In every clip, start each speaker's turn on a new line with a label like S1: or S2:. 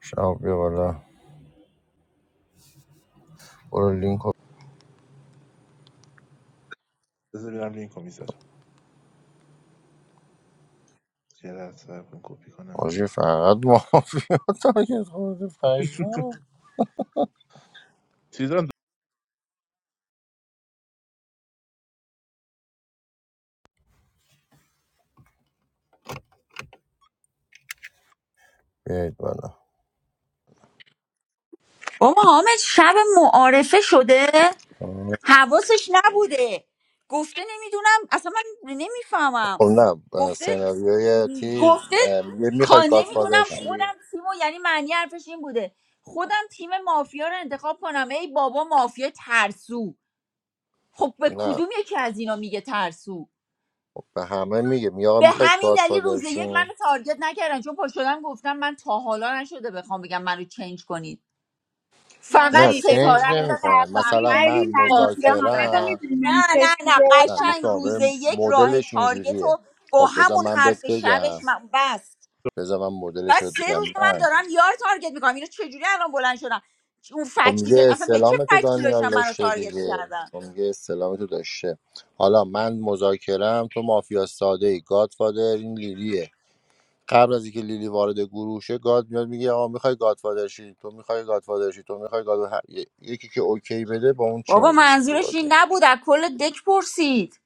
S1: شب بیا بالا برو لینک رو
S2: بذار ببینم لینک رو میذارم یه لحظه صبر کن کپی کنم
S1: آجی فقط مافیا تارگت خورده پشما
S2: چیزان
S1: بیایید بالا
S3: بابا حامد شب معارفه شده حواسش نبوده گفته نمیدونم اصلا من نمیفهمم
S1: خب نه
S3: گفته
S1: سناریوی تیز
S3: گفته
S1: اه، میگه
S3: خا
S1: میخواید گادفادر
S3: نمیدونم
S1: شی
S3: خودم تیمو یعنی معنی حرفش این بوده خودم تیم مافیا رو انتخاب کنم ای بابا مافیا ترسو خب به
S1: نه
S3: کدوم یکی از اینا میگه ترسو
S1: خب به همه میگه میگه آقا
S3: به
S1: میخواید
S3: همین دلیل
S1: گادفادر
S3: روز یک
S1: شین
S3: منو تارگت نکردن چون پا شدم گفتم من تا حالا نشده بخوام بگم منو چنج کنید فقط
S1: نه
S4: نازی ببین
S1: چنج
S3: ستاره رو زدم
S1: نمیکنه
S4: عصبانی
S1: مثلا
S3: فقط
S4: ولی
S1: من
S3: قاسم
S4: منظور
S3: رو
S4: حامد رو
S3: زدم
S1: مذاکرم
S4: میدونی من
S3: نه نه
S4: چجوری
S3: نه
S1: نه
S4: گرفتم
S1: گوش
S3: قشنگ
S1: کن
S3: روز
S1: ببین،
S3: یک راه
S1: مدلش
S3: تارگت
S1: اینجوریه
S3: رو با
S1: خب بذار
S3: همون
S1: من بهت
S3: حرف
S1: بگم
S3: شبش من بست
S1: بذار من مدلش رو
S3: بس سه روز من
S1: بگم
S3: دارم یار تارگت میکنم اینو چجوری الان بلند شدم چ- اون
S1: خب
S3: فکتی
S1: میگه
S3: که اصلا به چه
S1: استلام تو
S3: فکتی
S1: دانیال
S3: داشتم منو
S1: داشته
S3: تارگت
S1: دیگه
S3: میکردم
S1: خب میگه استلام تو داشته حالا من مذاکرم تو مافیا ساده ای گادفادر این لیلیه قبل از اینکه لیلی وارد گروه شه گاد میاد میگه آقا میخوای گادفادر شی تو میخوای گادفادر شی تو میخوای گاد هر- ی- یکی که اوکی بده با اون
S3: بابا
S1: چنج میشه تو
S3: منظورش
S1: بازی
S3: این نبود از کل دک پرسید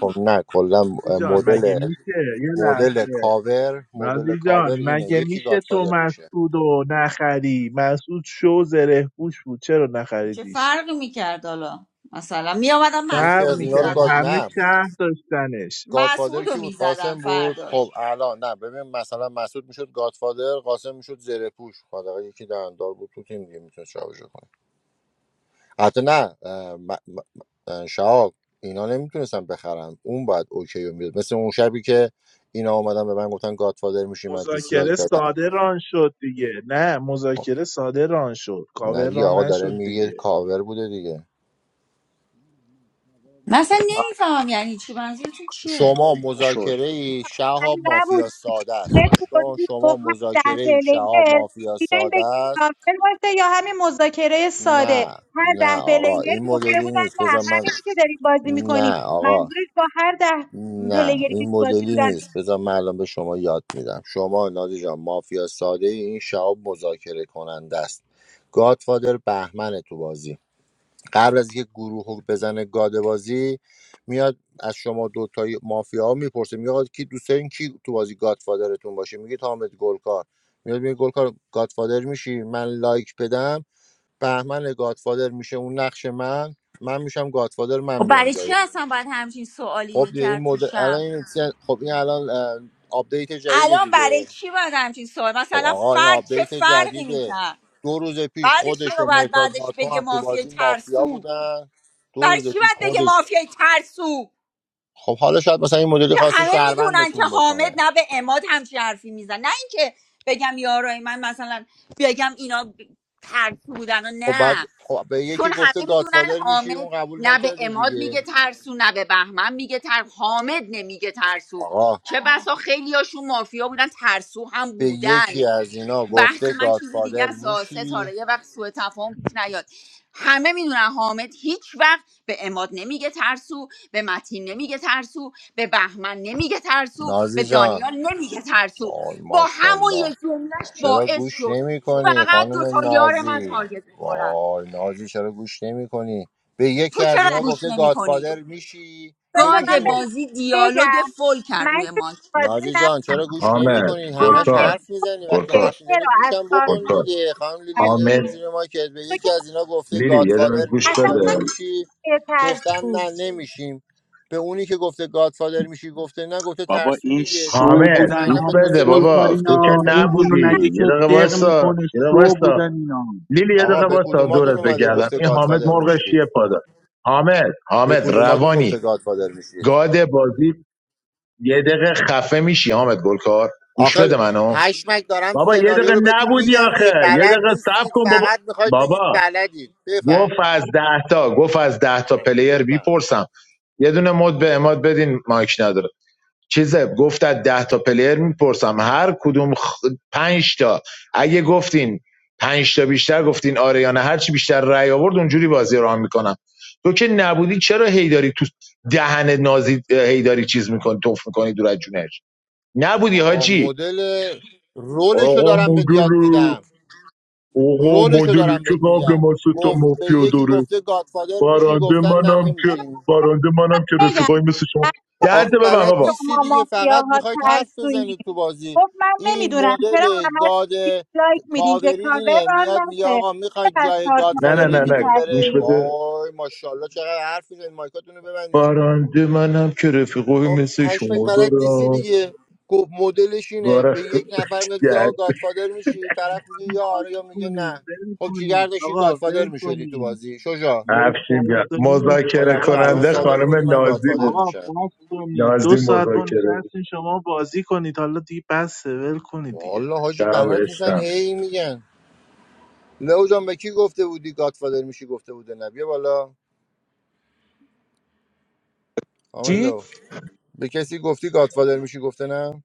S1: خب نه کلا
S2: دوستی جان
S1: مدل
S2: مگه میشه یه
S1: مدل
S2: لحظه
S1: کاور مدل
S2: نازی جان
S1: کاور اینه
S2: مگه
S1: یکی
S2: میشه تو
S1: گادفادر میشه
S2: مسعود رو نخری مسعود شو زره پوش بود چرا
S3: چه
S2: نخریدیش
S3: فرقی میکرد حالا مثلا میامدم
S1: یکی
S2: فرق
S3: مسعود رو
S1: از اینا رو
S2: میکرد
S1: گاد
S3: میزدن
S2: همه
S1: نه
S2: شهر داشتنش
S1: گادفادر
S3: مسعود رو
S1: کی بود
S3: میزدن
S1: قاسم بود
S3: فرداش
S1: خب الان نه ببین مثلا مسعود میشد گادفادر قاسم میشد زره پوش خدا یکی دندار بود تو تیم دیگه میتونست شارژ کنه حتی نه اه، م- م- اه، شهاب اینا نمیتونستن بخرن اون باید اوکی رو میداد مثل اون شبی که اینا اومدن به من گفتن گادفادر میشی من دیسلایک
S2: مذاکره
S1: دادم
S2: ساده ران شد دیگه نه
S1: خب،
S2: مذاکره ساده ران شد
S1: نه
S2: کاور
S1: دیگه
S2: ران
S1: آقا داره
S2: نشد
S1: میگه
S2: دیگه
S1: کاور بوده دیگه
S3: من اصلا نمیفهمم یعنی چی منظورتون چیه
S1: شما
S5: آره شد
S1: مذاکره ای
S4: اصلا
S1: شهاب مافیا
S4: نبود
S1: ساده است گوش کن
S4: بپرسی
S1: شما
S4: گفت هم ده
S1: مذاکره ای
S4: پلیر
S1: شهاب مافیا
S4: بیاین
S1: ساده
S4: بگید
S1: است
S4: کامل باشه یا همین مذاکره ساده
S1: نه
S4: هر
S1: نه
S4: ده
S1: آقا
S4: پلیر
S1: این
S4: گفته
S1: مدلی
S4: بودن
S1: نیست
S4: نه
S1: بذار من
S4: همینی که دارید بازی میکنیم
S1: نه آقا
S4: منظورش با هر ده
S1: نه
S4: پلیری که
S1: این
S4: تو بازی
S1: مدلی
S4: بودن
S1: نیست بذار من الان به شما یاد میدم شما نادی جان مافیا ساده ای، این شعب مذاکره کننده است گادفادر بهمن تو بازی قبل از اینکه گروه رو بزنه گاد بازی میاد از شما دوتای مافیا ها میپرسه میگه کی دوست دارین کی تو بازی گادفادرتون باشه میگه حامد گلکار میاد میگه گلکار گادفادر میشی من لایک بدم بهمن گادفادر میشه اون نقش من من میشم گادفادر من
S3: و
S1: میام
S3: برای چی
S1: جایی
S3: اصلا باید همچین سوالی
S1: خب دیگه این
S3: میکرد تو
S1: مدل الان
S3: شب
S1: این چه- خب این الان اه، آپدیت جدید
S3: الان برای
S1: دیگه
S3: چی باید همچین سوال
S1: خب
S3: مثلا
S1: آقا این
S3: فرد چه
S1: آپدیت
S3: فرقی
S1: جدیده
S3: میکرد
S1: دو روز پیش
S3: بعدش
S1: خودش
S3: چرا
S1: و
S3: باید
S1: مرتاد
S3: بعدش
S1: ناتو
S3: بگه
S1: هم تو
S3: مافیای
S1: بازی مافیا
S3: ترسو
S1: بودن دو
S3: برای
S1: روز
S3: چی
S1: پیش
S3: باید بگه
S1: خودش
S3: مافیای ترسو
S1: خب حالا شاید مثلا این مدلی
S3: که
S1: خواسته
S3: همه میدونن که
S1: شهروندتون
S3: حامد
S1: بکنه
S3: نه به اماد همچین حرفی میزن نه اینکه بگم یارای من مثلا بگم اینا ترسو بودن و
S1: خب بعد
S3: نه
S1: خب به
S3: چون
S1: یکی
S3: همه
S1: گفته
S3: میدونن
S1: گادفادر میشی
S3: حامد
S1: اون قبول
S3: نه به
S1: نکرده
S3: اماد میگه
S1: دیگه
S3: ترسو نه به بهمن میگه تر حامد نمیگه ترسو
S1: آقا
S3: چه بسا خیلی هاشون مافیا بودن ترسو هم
S1: به
S3: بودن
S1: یکی از اینا
S3: بحث
S1: گفته
S3: من چیز دیگه
S1: گادفادر
S3: است آ،
S1: میشی
S3: ستاره یه وقت سوء تفاهم پیش نیاد همه میدونن حامد هیچ وقت به اماد نمیگه ترسو به متین نمیگه ترسو به بهمن نمیگه ترسو
S1: نازی
S3: به
S1: جان
S3: دانیال نمیگه ترسو
S1: وای
S3: با همون
S1: ماشاءالله
S3: یه جملهش
S1: چرا
S3: باعث
S1: گوش
S3: شد
S1: نمی کنی
S3: فقط
S1: خانم
S3: دوتا یار من
S1: نازی
S3: تارگت بخورن
S1: وای نازی چرا گوش نمی کنی به یکی
S3: تو
S1: از
S4: یه
S3: چرا
S4: لحظه
S1: اینا
S3: گوش
S1: گفته
S3: نمی کنی؟
S1: گادفادر میشی
S4: بذار من
S1: یکیشون
S3: گاد
S4: به
S1: گفت
S3: بازی دیالوگ
S4: بگم
S3: فول کرد
S4: من
S3: روی
S4: که تو
S3: ماک
S4: بازی
S1: نازی جان
S4: نبودی
S1: چرا گوش نمی
S6: حامد
S1: کنی
S4: حامد
S1: همش
S6: گلکار
S1: حرف میزنی وقتی
S6: گلکار
S1: حرف میزنی
S4: چرا از
S1: گوشم
S4: کارت
S1: بکن
S4: ما
S6: گلکار
S1: دیگه خانم لیلی یه دقیقه
S6: حامد
S1: برو
S4: هستین
S1: زیر مایکت به
S4: تو که
S1: یکی از اینا گفته
S6: لیلی یه دقیقه
S1: گادفادر
S6: گوش
S1: میشی
S4: اصلا
S1: یا
S6: بده
S1: نمیشی گفتن
S4: بترسید
S1: نه نمیشیم به اونی که گفته گادفادر میشی گفته نه گفته
S7: بابا
S1: ترسو
S7: این
S1: دیگه چون به
S7: شو
S6: حامد
S7: بودن
S6: گوش
S1: مطمئنا به دو
S7: حامد
S1: سه
S6: بده
S1: تاشون
S6: بابا
S1: گفته
S6: تو که
S7: گلکارینا
S1: گادفادر
S7: این
S1: میشی
S7: اینو
S1: یا
S7: نگه
S6: نبودی
S1: نه
S7: که
S6: یه دقیقه
S7: دق
S6: وایسا
S7: میکنه
S6: یه دقیقه
S7: شو
S6: وایسا
S7: بودن اینا
S6: لیلی یه
S1: آقا
S6: دقیقه
S1: به
S6: وایسا
S1: کدوماتون
S6: دورت
S1: اومده
S6: بگردم
S1: گفته
S6: این حامد
S1: گادفادر
S6: مرغش
S1: میشید
S6: یه پادا حامد
S1: به
S6: حامد
S1: کدوماتون
S6: روانی
S1: گفته گادفادر میشید
S6: گاد بازی یه دقیقه خفه میشی حامد گلکار گوش
S1: آخر
S6: بده منو
S1: پشمک دارم
S6: بابا یه
S1: سناریو
S6: دقیقه
S1: رو بهتون
S6: نبودی
S1: میگم دیگه
S6: آخه یه
S1: بلد
S6: دقیقه صبر
S1: نیستید
S6: کن بابا
S1: فقط میخواید بگید
S6: بابا
S1: بلدید
S6: گفت
S1: بفهمید
S6: از ده تا گفت از ده تا پلیر
S1: بفهم
S6: میپرسم یه دونه مد به اماد بدین مایک نداره چیزه گفت از ده تا پلیر میپرسم هر کدوم خ... پنج تا اگه گفتین پنج تا بیشتر گفتین آره یا نه هر چی بیشتر رأی آورد اونجوری بازی رو هم میکنم تو که نبودی چرا هیداری تو دهن نازی هیداری چیز میکنی توف میکنی دور از جونش نبودی
S1: آقا
S6: حاجی
S1: مدل رولشو
S6: آقا
S1: دارم به
S6: مدل
S1: یاد میدم
S6: آقا
S1: رولشو
S6: مدل
S1: دارم
S6: که
S1: بهت
S6: قبل
S1: میگم
S6: ما سه تا
S1: گفت به
S6: مافیا
S1: یکی
S6: داره
S1: گفته گادفادر میشی
S6: بارانده
S1: گفتن نه
S6: منم که
S1: نمیشی
S6: بارانده منم که
S4: بگم
S6: رفیقای مثل شما ده
S1: آخه
S6: تا
S4: خب
S6: ببن
S1: بلد
S6: بابا
S4: شما
S1: نیستی دیگه فقط
S4: مافیاها
S1: میخواید حرف
S4: ترسویی
S1: بزنید تو بازی
S4: گفت من
S1: این
S4: نمیدونم چرا
S1: مدل
S4: همه
S1: گاد
S4: دیسلایک میدین که
S1: کاوری
S4: کاور
S1: اینه
S4: ران
S1: میاد میگه
S4: نشه
S1: آقا میخواید
S4: چرا از
S1: جای
S4: کارت
S6: نه نه
S1: گادفادر
S4: مافیایی
S6: نه نه
S1: یکیتون
S6: گوش
S1: بره
S4: میترسید
S6: بده
S1: وای ماشاءالله چقدر حرف میزنید مایکاتون رو ببندین
S6: بارانده منم که رفیقای
S1: آقا
S6: مثل
S1: پشمک
S6: شما
S1: بلد نیستی
S6: دارم
S1: دیگه گفت مدلش اینه
S6: وارخ
S1: به یک نفر میاد یا
S6: گرد
S1: گادفادر میشی طرف میگه یا آره یا
S2: بازی
S1: میگه
S2: کنیم
S1: نه
S2: ول
S1: خب جیگر
S2: کنیم
S1: داشتی
S2: آقا
S1: گادفادر
S2: ول
S1: میشدی تو
S2: کنیم
S1: بازی شجا
S2: یک
S6: افشین گرد
S2: ساعت و نیم است.
S1: با
S6: مذاکره
S1: نقش
S2: آقا دو
S1: شهروند
S6: کننده
S2: ساعت
S1: ساده
S6: خانم
S1: میگفتی من
S6: نازی
S1: گادفادر
S6: بود
S2: آقا
S1: میشم
S2: بس کنید دو
S6: نازی
S2: ساعت ما
S6: مذاکره بود
S2: نشستین شما بازی کنید حالا دیگه بس ول کنید دیگه
S1: والا حاجی
S6: شب
S1: بلد نیستن
S6: عشقم
S1: هی میگن لو جان به کی گفته بودی گادفادر میشی گفته بوده نه بیا بالا کامل
S8: چی؟
S1: لو به کسی گفتی گادفادر میشی گفته نه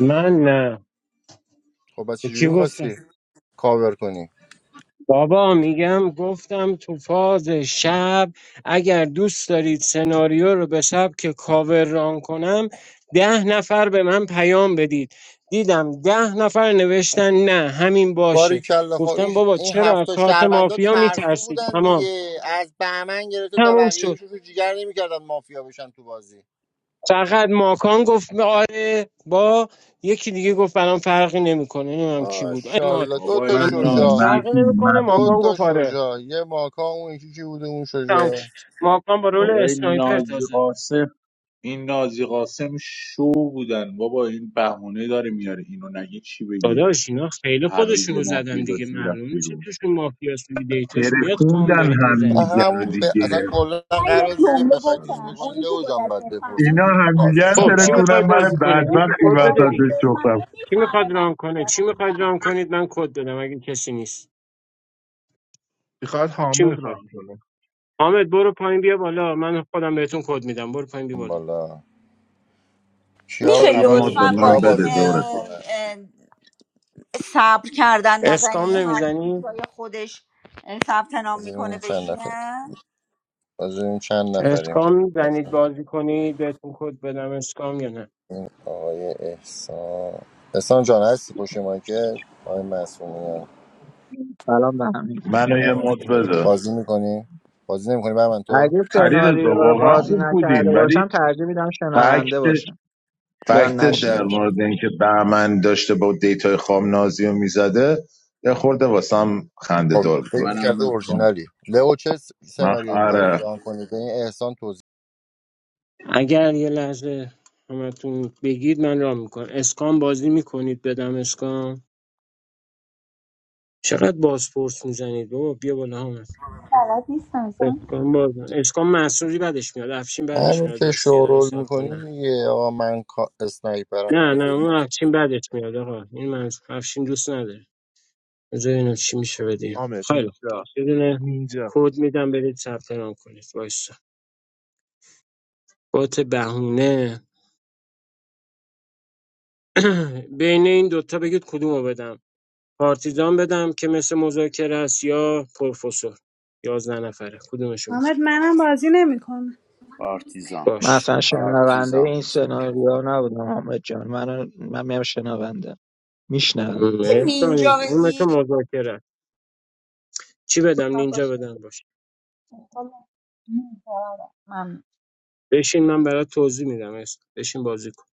S8: من نه
S1: خب پس
S8: به کی
S1: چجوری
S8: گفتم؟
S1: میخواستی کاور کنی
S8: بابا میگم گفتم تو فاز شب اگر دوست دارید سناریو رو به سبک کاور ران کنم ده نفر به من پیام بدید دیدم ده نفر نوشتن نه همین
S1: باری
S8: باشه
S1: کلا خب این
S8: گفتم بابا
S1: این
S8: چرا از
S1: هفته
S8: کارت
S1: شهروندا
S8: مافیا
S1: ترسو
S8: میترسید
S1: بودن
S8: تمام
S1: دیگه از بهمن گرفته تا
S8: تموم
S1: بقیه
S8: شد
S1: ایشون تو جیگر نمیکردن مافیا بشن تو بازی
S8: فقط ماکان گفت آره با یکی دیگه گفت برام فرقی نمیکنه نمیدونم کی بود اماد
S1: ماشاءالله دو
S7: بابا
S1: تا
S7: این
S8: اماد نوشت
S6: متین
S1: شجاع
S8: فرقی
S7: نازی
S6: متین
S8: نمیکنه
S1: دو
S8: ماکان
S6: متین
S1: تا
S8: گفت آره
S1: شجاع یه ماکا اون یکی کی بوده اون
S8: تموم
S1: شجاع
S8: شد. ماکان با رول
S7: بابا این
S8: اسنایپر
S7: نازی
S8: تازه
S7: قاسم این نازی قاسم شو بودن بابا این بهونه داره میاره اینو نگه چی بگه
S8: داداش اینا خیلی
S7: هر روز یه
S8: خودشونو زدن
S7: مافیا
S8: دیگه
S7: داشت میرفت
S8: معلوم میشه
S7: بیرون
S8: توشون مافیاس دیگه دیتاش میاد خام
S6: ترکوندن
S8: دارید
S1: و
S8: میزنید
S6: همدیگه رو
S1: همون به
S6: دیگه
S1: اصلا کلا
S3: من یه
S1: قبل از اینکه
S3: جمله
S7: از
S1: بخوای
S7: سر
S1: تیز
S3: گفتم
S1: بکنی
S3: اونی که
S1: لو جان
S3: باید
S1: باید
S3: بفهمه
S6: اینا
S1: بپرسید
S3: می-
S1: تو
S6: همدیگه
S1: بازی
S6: رو
S1: شب
S8: خب چی
S1: نباید
S6: ترکوندن
S8: میخواید
S6: من
S8: بازی
S1: بپرسی
S8: کنید
S3: اونی
S8: یکی
S3: که
S6: بدبختی
S8: کد بده
S6: وسط
S3: باید
S6: به
S8: دیگه
S6: چخرم
S3: بفهمه
S8: کی
S3: میفهمه
S8: میخواد
S3: من
S8: رام
S3: چی
S8: کنه چی
S3: دارم
S8: میخواد
S3: میگم
S8: رام کنید من کد دادم اگه کسی نیست
S2: میخواد
S8: چی
S2: حامد رو
S8: میخواد
S2: هم کنه
S8: حامد برو پایین بیا بالا من خودم بهتون کد میدم برو پایین بیا
S1: اون
S8: بالا
S1: بالا کیا
S3: میشه
S6: آه، یه
S1: اول
S6: مد به
S1: ببینیم
S3: لطفا با
S6: من
S1: کیا
S3: این
S6: بده
S1: بازی
S6: دورت
S3: اه،
S1: نمیکنن
S3: اه، صبر کردن
S8: اسکام
S3: نزنی هر کی
S8: نمیزنی
S3: جای خودش اه، ثبت نام میکنه
S1: ببینیم چند نفر
S3: بشینه
S1: ببینیم چند نفریم
S8: اسکام میزنید بازی کنید بهتون کد بدم اسکام یا نه
S1: این آقای احسان احسان جان هستی پشت مایکل آقای مسئولیان
S9: سلام به هم میگیریم
S6: منو یه مد بده
S1: بازی میکنی بازی نمیکنی بر من تو
S9: اگه
S2: بازی کنیم
S6: علی
S2: دیگه.
S9: سناریو
S6: رضا
S9: رو
S6: واقعا
S9: بازی
S6: خوب
S9: نکرده
S6: بودین
S9: باشم
S6: ولی
S9: ترجیح میدم شنونده
S6: فکت
S9: باشم یا
S6: فکت
S9: نشنیده
S6: در
S9: باشم
S6: مورد اینکه بهمن داشته با دیتای خام نازی رو میزده یه خورده واسم خنده
S1: خب
S6: دار بود
S1: فکر
S6: دورت
S7: منم
S1: میکرده
S6: بگم
S7: مت
S6: چون
S7: کن
S1: اورجینالی لئو چه س-
S6: من
S1: سناریویی میخوای
S6: آره
S1: ران کنی به این احسان توضیح
S8: اگر یه لحظه همتون بگید من رام میکنم اسکان بازی میکنید بدم اسکان چقدر بازپرس میزنید بابا بیا بالا همت
S3: بلد نیستم اسمم
S8: اسکان
S3: چیه؟
S8: باز اسکان محصولی بدش میاد افشین بدش
S1: همین
S8: میاد
S1: که
S8: راستی دقیقه
S1: شورول
S8: صاحب کن
S1: میکنی
S8: نه
S1: دیگه آقا من کا- اسنایپرم
S8: نه نه اون افشین بدش میاد آقا این من افشین دوست نداره بذار ببینم چی میشه
S2: کن.
S8: بدیم
S2: حامد
S8: خیلی خوب
S2: نینجا
S8: پس یه دونه
S2: نینجا
S8: کد میدم برید ثبت نام کنید وایسا بات بهونه بین این دوتا بگید کدومو بدم پارتیزان بدم که مثل مذاکره است یا پروفسور یازده نفره کدومشو میخوای
S10: Ahmed, my name is Jinae.
S5: پارتیزان
S9: من
S8: باش
S9: اصلا شنونده
S5: پارتیزان
S9: این سناریو نبودم حامد جان من من میام شنونده میشنوم
S8: م،
S3: میشه
S8: احسان،
S3: نینجا
S8: اون مثل
S3: بگی
S8: مذاکره است. چی بدم نینجا
S11: باشه
S8: بدم باش
S11: سیستم می‌گذرد ممنون
S8: بشین من برات توضیح میدم احسان. بشین بازی کن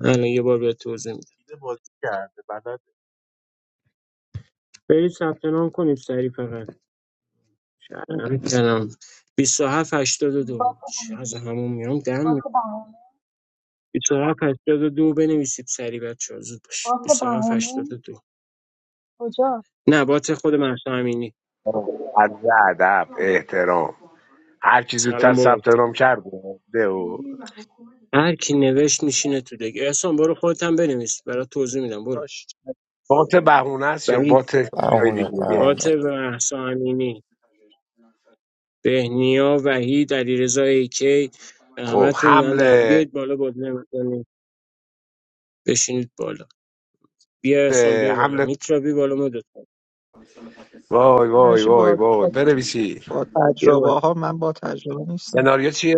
S8: الان یه بار بهت توضیح میدم
S2: دیده بازی کرده بلد
S8: برید ثبت نام کنید سریع فقط کردم 27 82
S11: باک
S8: چی از
S11: اندیش
S8: همون میام دم
S11: باک
S8: می
S11: بهانه
S8: 27 82 بنویسید سریع بچه‌ها زود باش
S11: باک
S8: 27
S11: بهانه
S8: 82
S11: کجاست
S8: نبات خود مهسا امینی
S12: از ادب احترام هر کی زودتر
S8: سلام بابا
S12: ثبت نام کرد ده و
S8: هر کی نوشت میشینه تو دیگه احسان برو خودت هم بنویس برات توضیح میدم برو
S9: باش
S12: بات بهونه است یا
S8: وحید
S12: بات جای
S1: بهونه
S12: دیگه
S1: بهونه
S8: عاطف و احسان امینی بهنیا وحید علیرضا ایکی
S12: خب
S8: همتون دارن در
S12: حمله
S8: بیاید بالا بازی نمی‌کنید. بشینید بالا بیا احسان بیا بالا
S12: حمله
S8: میترا بی بالا مدت کن
S12: وای وای
S9: تنهاشی
S12: وای
S9: با
S12: وای
S9: با
S12: بنویسی
S9: با
S8: بیا
S9: تجربه
S8: بالا
S9: ها من با تجربه نیستم
S12: سناریو چیه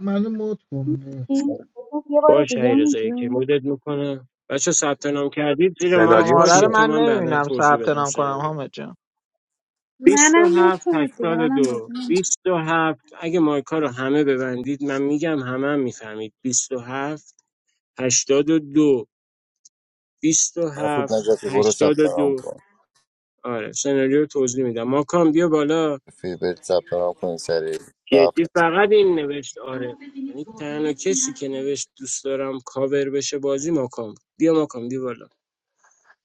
S13: منو مد کن باش
S11: این بگو یه بار
S8: باش
S11: دیگه
S8: علیرضا ایکی
S11: میگیم
S8: مدت میکنم بچه ثبت نام کردید زیر مایک
S12: سناریو
S9: شماره رو
S8: باشید
S12: چیه
S8: تا
S9: من
S8: من بعدا
S9: نمیبینم
S8: توضیح
S9: ثبت نام کنم
S8: بدم
S9: حامد جان
S10: My name is not Jinae. My name
S8: 27
S10: is
S8: 82 هفت اگه مایکا رو همه ببندید من میگم همه هم میفهمید بیست و هفت هشتاد و دو بیست و
S1: مسعود
S8: هفت
S1: نجاتی برو
S8: هشتاد
S1: ثبت
S8: و
S1: نام
S8: دو.
S1: کن
S8: آره سناریو توضیح میدم ماکان بیا بالا
S1: فیبرت ثبت نام کنی سریع تو
S8: جدی
S1: هفت
S8: فقط این نوشت آره یعنی تنها کسی که نوشت دوست دارم کاور بشه بازی ماکان بود. بیا ماکان بیا بالا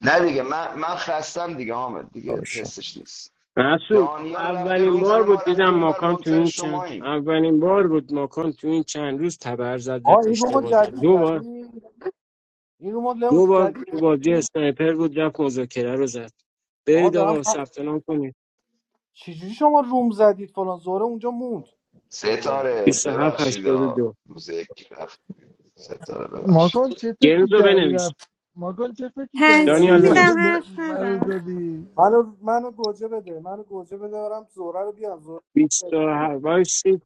S14: نه دیگه من من خستم دیگه حامد دیگه
S1: نمیشی
S14: حسش نیست
S8: مسعود
S14: دانیال رفته
S8: اولین
S14: روم
S8: بار
S14: زده ما
S8: بود دیدم
S14: رفتیم اون بر
S8: ماکان تو
S14: منتظر
S8: این چند
S14: شماییم
S8: اولین بار بود ماکان تو این چند روز تبر زد
S15: آقا
S8: رفت
S15: این رومو
S8: اشتباه زد
S15: جدید
S8: دو بار
S15: زدی این رومو
S8: دو
S15: لباس
S8: بار
S15: جدید
S8: تو
S15: زدی؟
S8: بازی اسنایپر بود رفت مذاکره رو زد
S15: آقا
S8: برید
S15: دارم
S8: آقا
S15: هم...
S8: ثبت نام کنید
S15: چجوری شما روم زدید فلان زوره اونجا موند تو رومه
S14: ستاره
S8: 27
S14: ببخشید ها.
S8: دو
S14: روز یک رفت ستاره ببخشید
S13: ماکان چه
S8: گیمز
S13: فکری
S8: رو
S13: کردی
S8: بنویس
S13: رفت ماکان چه فکری کردی
S8: دانیال
S13: رفتی
S10: Handsmith. My
S13: منو
S8: بنویس
S10: name
S13: د-
S10: is
S13: منو
S10: Handsmith.
S13: دادی
S15: منو منو گوجه بده منو گوجه بده دارم زوره رو بیارم زوره رو بیارم.
S8: 27 وایسید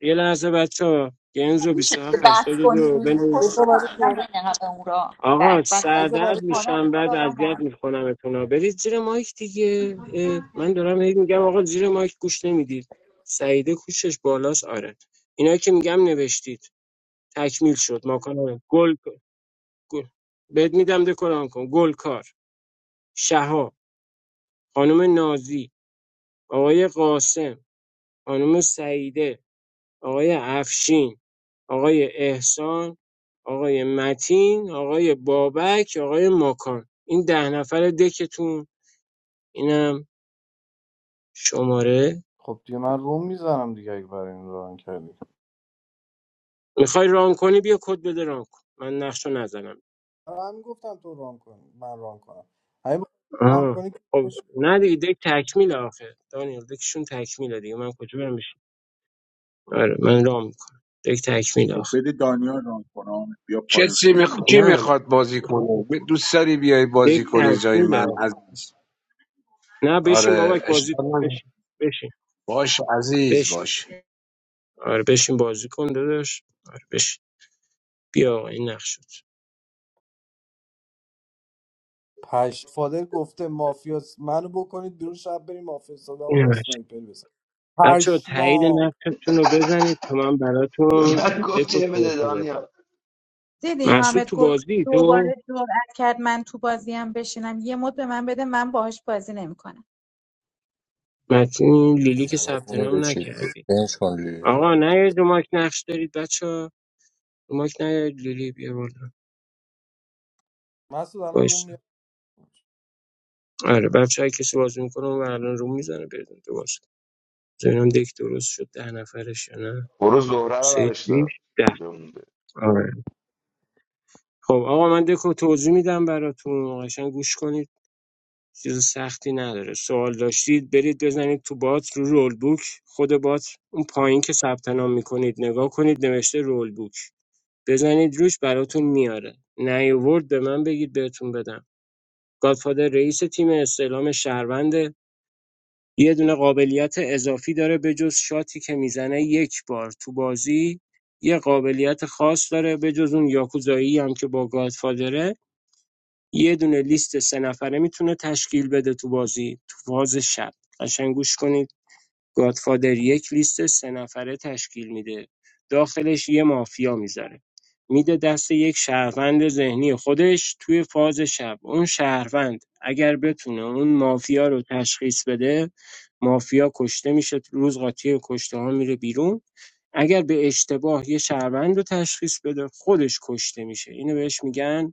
S8: یه لحظه بچه ها گیمز رو
S3: که
S8: 27
S3: بحث کنی
S8: دو
S3: خود
S15: یه
S8: بنویس
S15: جا برای
S3: را
S15: زوره
S3: نزنی قبل اون را
S8: آقا
S3: بعد بحث
S15: یه جا برای
S8: سردرد
S3: آدم
S8: میشم
S3: حال
S8: بعد
S3: آدم
S8: اذیت میکنم اتونا برید زیر مایک دیگه اه، من دارم هی میگم آقا زیر مایک گوش نمیدید سعیده کوشش بالاست آره اینا که میگم نوشتید تکمیل شد ماکان گل گل بهت میدم دکوران کن گلکار شهاب خانم نازی آقای قاسم خانم سعیده آقای افشین آقای احسان آقای متین آقای بابک آقای ماکان این ده نفر دکتون اینم شماره
S15: خب دیگه من روم میزنم دیگه اگه برای این ران کردی
S8: میخوای ران کنی بیا کد بده ران کن من نقش رو نزنم
S15: من میگفتم تو ران کن من ران کنم اگه می‌خوای ران
S8: آه.
S15: کنی
S8: خب
S15: کش-
S8: نه دیگه دک تکمیل آخه دانیل دکشون تکمیله دیگه من کجا برم بشین آره من ران میکنم دک تکمیل
S7: خب
S8: آخه.
S7: بده دانیال ران کنم بیا
S12: چه
S7: پای
S12: چی میخ...
S7: خودت
S12: کی
S8: نه
S12: میخواد بازی کنه دوست داری بیای
S8: یک
S12: بازی کنی جای من
S8: تکمیله آخه
S12: عزیز
S8: نه بشین
S12: آره
S8: بابک بازی
S12: اشکال
S8: کن
S12: نداره.
S8: بشین بشین
S12: باش عزیز
S8: بشین
S12: باش
S8: آره بشین بازی کن داداش آره بشین بیا آقا این نقش شد
S15: پشت فادر گفته مافیاس منو بکنید بیرون شب بریم مافیا صدامو با
S8: این بچه
S15: اسنایپر بزن
S8: بچه تایید
S15: پشمام
S8: نقشتون رو بزنید تا من
S14: به
S8: براتون
S14: من گفت
S8: دکو
S14: چه بده
S8: توضیح بدم
S14: دانیال
S4: دیدی
S8: مسعود
S4: حامد
S8: تو
S4: گل
S8: بازی تو
S4: دوباره جرأت کرد من تو بازیم بشینم یه مد به من بده من باهاش بازی نمیکنم
S8: متین لیلی که ثبت
S1: نمتون
S8: نام
S1: نوشید
S8: نکردی
S1: بینج کن لیلی رو
S8: آقا نه رو ماک نقش دارید بچه ها رو ماک نیاید لیلی بیا بالا
S15: مسعود الان روم میاد.
S8: وایسا آره بچه های کسی بازی میکنه و الان رو میزنه بریم تو نمی‌دونم دک درست شد ده نفرش یا نه
S14: برو زهره رو
S8: سه
S14: برش
S8: بیش
S14: دار
S8: ده آره. خب آقا من دکو توضیح میدم براتون قشنگ گوش کنید چیز سختی نداره سوال داشتید برید بزنید تو بات رو رول بوک خود بات اون پایین که ثبت نام میکنید نگاه کنید نوشته رول بوک بزنید روش براتون میاره نیوورد به من بگید بهتون بدم گادفادر رئیس تیم استعلام شهروند یه دونه قابلیت اضافی داره به جز شاتی که میزنه یک بار تو بازی یه قابلیت خاص داره به بجز اون یاکوزایی هم که با گادفادره یه دونه لیست سه نفره میتونه تشکیل بده تو بازی تو فاز شب قشنگ گوش کنید گادفادر یک لیست سه‌نفره تشکیل می‌ده، داخلش یه مافیا می‌ذاره، میده دست یک شهروند ذهنی خودش توی فاز شب. اون شهروند اگر بتونه اون مافیا رو تشخیص بده، مافیا کشته میشه، روز قاطی کشته ها میره بیرون. اگر به اشتباه یه شهروند رو تشخیص بده، خودش کشته میشه. اینو بهش میگن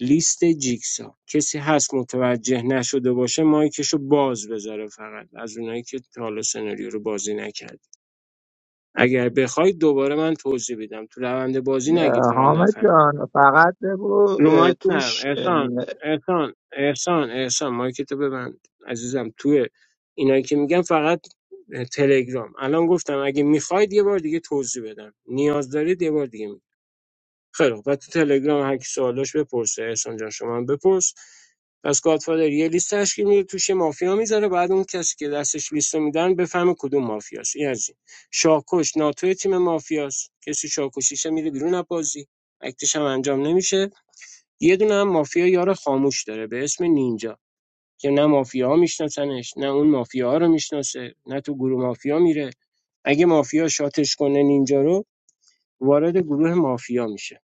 S8: لیست جیکسا کسی هست متوجه نشده باشه مایکشو باز بذاره فقط از اونایی که تا حالا سناریو رو بازی نکرد اگر بخواید دوباره من توضیح بدم تو روند بازی نگید
S9: اه،
S8: فقط
S9: حامد
S8: نفهمید
S9: جان فقط بگو
S8: رو
S9: اه،
S8: مایک نرم
S9: توش
S8: احسان احسان احسان احسان مایکتو ببند عزیزم تو اینایی که میگم فقط تلگرام الان گفتم اگه میخواید یه بار دیگه توضیح بدم نیاز دارید یه بار دیگه خیلی خوب و تو تلگرام هر کی سوالاش بپرسه احسان جان شما هم بپرس پس گادفادر یه لیست تشکیل میده توش مافیا میذاره بعد اون کسی که دستش لیستو رو میدن بفهمه کدوم مافیاست این از این شاکش ناتوی تیم مافیاست کسی شاکشیشه میره بیرون از بازی اکتش هم انجام نمیشه یه دونه هم مافیا یار خاموش داره به اسم نینجا که نه مافیا میشناسنش نه اون مافیا رو میشناسه نه تو گروه مافیا میره اگه مافیا شاتش کنه نینجا رو وارد گروه مافیا میشه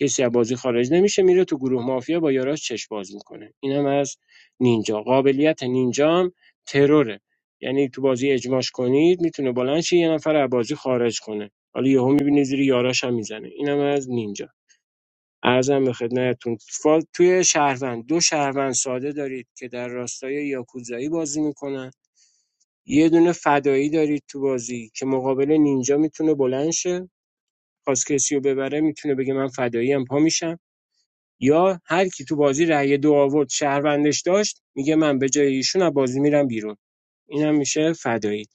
S8: کسی از بازی خارج نمیشه میره تو گروه مافیا با یاراش چش باز میکنه اینم از نینجا قابلیت نینجا هم تروره یعنی تو بازی اجماش کنید میتونه بلند شه یه نفر از بازی خارج کنه حالا یهو میبینی زیر یاراش هم میزنه اینم از نینجا ارزم به خدمتتون فا- توی شهروند دو شهروند ساده دارید که در راستای یاکوزایی بازی میکنن یه دونه فدایی دارید تو بازی که مقابل نینجا میتونه بلند شه خواست کسی رو ببره میتونه بگه من فداییم پا میشم یا هر کی تو بازی رأی دو آورد شهروندش داشت میگه من به جای ایشون از بازی میرم بیرون اینم میشه فدایی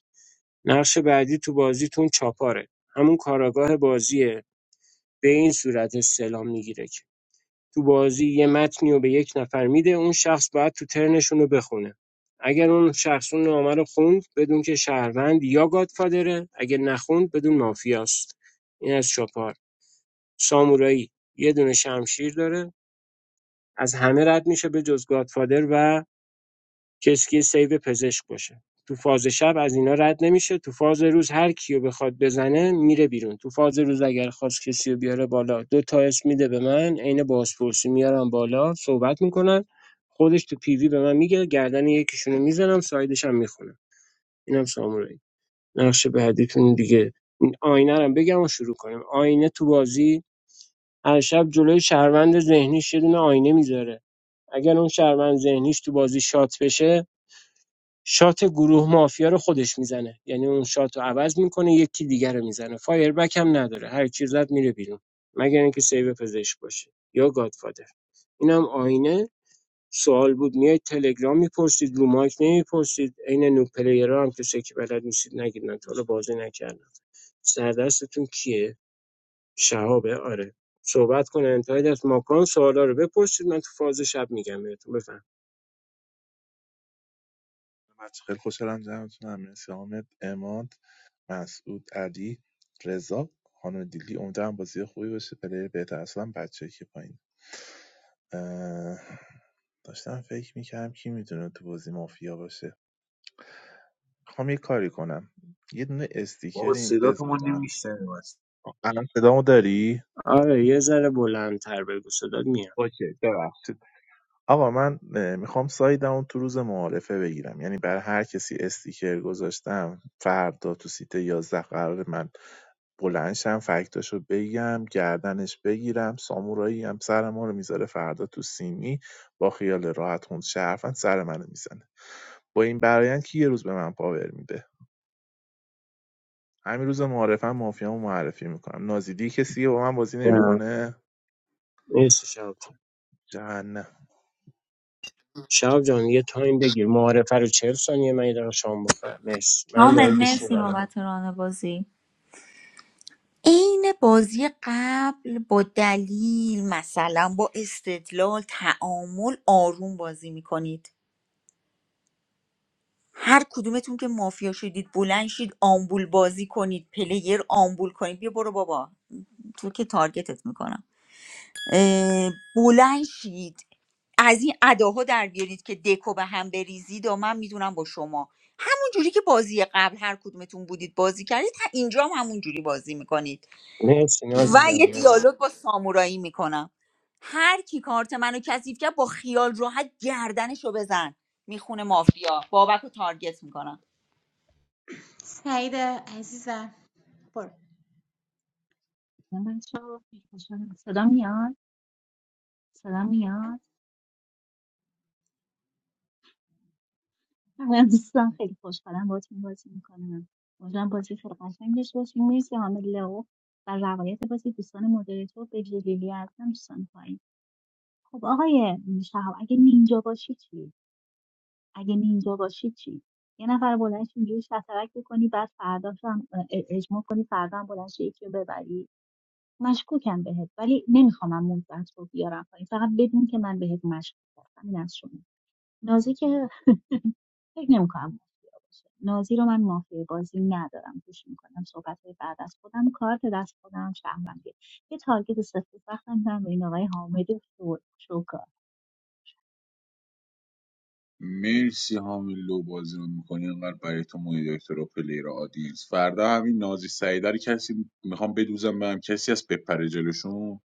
S8: نقش بعدی تو بازیتون چاپاره همون کاراگاه بازیه به این صورت سلام میگیره که تو بازی یه متنی رو به یک نفر میده اون شخص باید تو ترنشون رو بخونه اگر اون شخص اون نامه رو خوند بدون که شهروند یا گادفادره اگر نخوند بدون مافیاست این از چاپار سامورایی یه دونه شمشیر داره از همه رد میشه به جز گادفادر و کسی که سیو پزشک باشه تو فاز شب از اینا رد نمیشه تو فاز روز هر کیو بخواد بزنه میره بیرون تو فاز روز اگر خواست کسی رو بیاره بالا دو تا اسم میده به من عین بازپرسی میارم بالا صحبت میکنن خودش تو پیوی به من میگه گردن یکیشونو میزنم سایدش هم میخونم اینم سامورایی نقش بعدیتون دیگه این آینه رو هم بگم و شروع کنیم آینه تو بازی هر شب جلوی شهروند ذهنیش یه دونه آینه میذاره اگر اون شهروند ذهنیش تو بازی شات بشه شات گروه مافیا رو خودش میزنه یعنی اون شات رو عوض میکنه یکی دیگر رو میزنه فایر بک هم نداره هر کی زد میره بیرون مگر اینکه سیو پزشک باشه یا گادفادر اینم آینه سوال بود میای تلگرام میپرسید رو مایک نمیپرسید عین نو پلیرها هم که سکی بلد نیستید نگید من تا حالا بازی نکردم سردستتون کیه شهابه آره صحبت کنه انتهای دست ماکان سوالا رو بپرسید من تو فاز شب میگم بهتون بفهم
S2: بچه خیلی خوشحالم جمعتون هم مرسی حامد اماد مسعود علی رضا خانم دیلی امیدوارم بازی خوبی باشه پلیر بهتر اصلا بچه که پایین اه، داشتم فکر میکردم کی میتونه تو بازی مافیا باشه میخوام یه کاری کنم یه دونه استیکر
S7: بابا
S2: این
S7: صداتو ما
S2: بذارم
S7: نمیشنویم
S2: الان صدامو داری
S8: آره یه ذره بلندتر بگو صدات میاد
S2: اوکی ببخشید آقا من میخوام سایدمو تو روز معارفه بگیرم یعنی بر هر کسی استیکر گذاشتم فردا تو سیت 11 قرار من بلند شم فکتاشو بگم گردنش بگیرم سامورایی هم سر ما رو میذاره فردا تو سیمی با خیال راحت خون شرفن سر منو میزنه با این برایند که یه روز به من پاور میده همین روز معارفم مافیامو معرفی میکنم نازیدی کسی با من بازی
S8: نه.
S2: نمیکنه
S8: مرسی شهاب جان
S2: جهنم
S8: شهاب جان یه تایم بگیر معارفه رو 40 ثانیه من یه دقیقه شام بخورم مرسی منم
S3: حامد
S8: دارم گوش
S3: مرسی
S8: میدم
S3: بابت ران بازی عین بازی قبل با دلیل مثلا با استدلال تعامل آروم بازی میکنید هر کدومتون که مافیا شدید بلند شید آمبول بازی کنید پلیر آمبول کنید بیا برو بابا تو که تارگتت میکنم بلند شید از این اداها در بیارید که دکو به هم بریزید و من میدونم با شما همون جوری که بازی قبل هر کدومتون بودید بازی کردید اینجا هم همون جوری بازی میکنید
S8: مرسی
S3: و
S8: نازی جان
S3: یه
S8: مرسی
S3: دیالوگ با سامورایی میکنم هر کی کارت منو کثیف کرد با خیال راحت گردنشو بزن میخونه مافیا بابک رو تارگت میکنم
S4: سعید عزیزم برو
S11: من بچه ها خیلی خوشحالم صدا میاد صدا میاد من دوستم خیلی خوشحالم باهاتون بازی میکنم امیدوارم بازی خیلی قشنگ داشته باشیم مرسی حامد لئو و روایت بازی دوستان مدیریتور به جلیلی هستم دوستان پایین خب آقای شهاب اگه نینجا باشی چی اگه نینجا باشی چی یه نفر بلند شه اینجوری شطرک بکنی بعد فرداش هم اه، اجماع کنی فردا هم بلند شه یکی رو ببری مشکوکم بهت ولی نمیخوام موزت رو بیارم پایین فقط بدون که من بهت مشکوک هستم این از شما نازی که فکر نمیکنم مافیا باشه نازی رو من مافیا بازی ندارم گوش میکنم صحبت های بعد از خودم کارت دست خودم شهروندی یه تارگت سفت سخت هم دارم به این آقای حامد شو- شوکار
S7: مرسی همین لو بازی رو میکنی اینقدر برای تو مونیتور و پلیر آدینس فردا همین نازی سعیده رو کسی میخوام بدوزم به هم کسی از بپره جلوشون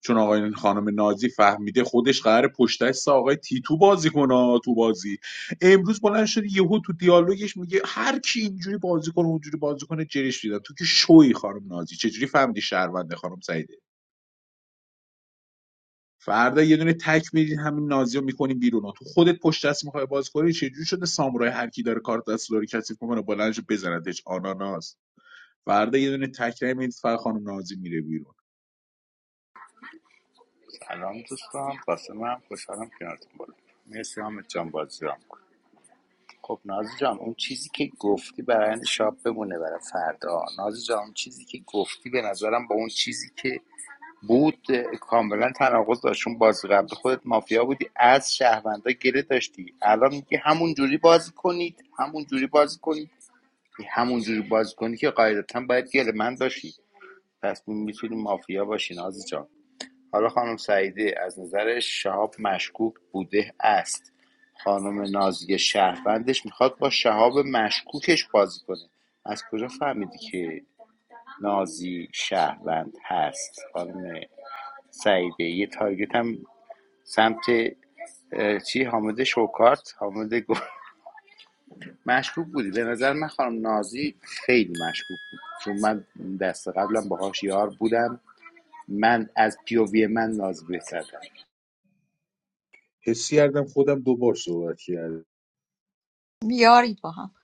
S7: چون آقای خانم نازی فهمیده خودش قرار پشت دست آقای تیتو بازی کنه تو بازی امروز بلند شده یهو تو دیالوگش میگه هر کی اینجوری بازی کنه اونجوری بازی کنه جرش میدن تو که شوی خانم نازی چجوری فهمیدی شهرونده خانم سعیده فردا یه دونه تک میدین همین نازی میکنیم بیرون ها. تو خودت پشت دست میخوای باز کنی چه جوری شده سامورای هر کی داره کارت دست داره کسی میکنه بلندش بزنتش آناناس فردا یه دونه تک میدید فر خانم نازی میره بیرون
S5: سلام دوستان قاسم هم خوشحالم کنارتون بالا مرسی حامد جان بازی رام کن. خب نازی جان اون چیزی که گفتی برای شاب بمونه برای فردا نازی جان اون چیزی که گفتی به نظرم با اون چیزی که بود اه، کاملا تناقض داشت چون بازی قبل خودت مافیا بودی از شهروندا گله داشتی الان میگی همون جوری بازی کنید همون جوری بازی کنید همون جوری بازی کنید که قاعدتا باید گله من داشتی پس میتونی مافیا باشی نازی جان حالا خانم سعیده از نظر شهاب مشکوک بوده است خانم نازی شهروندش میخواد با شهاب مشکوکش بازی کنه از کجا فهمیدی که نازی شهروند هست خانم سعیده یه تارگت هم سمت چی حامد شوکارت حامد گل مشکوک بودی به نظر من خانم نازی خیلی مشکوک بود چون من دست قبلم باهاش یار بودم من از پیووی من ناز زدم
S7: حسی کردم خودم دوبار صحبت کردم
S3: بیارید با هم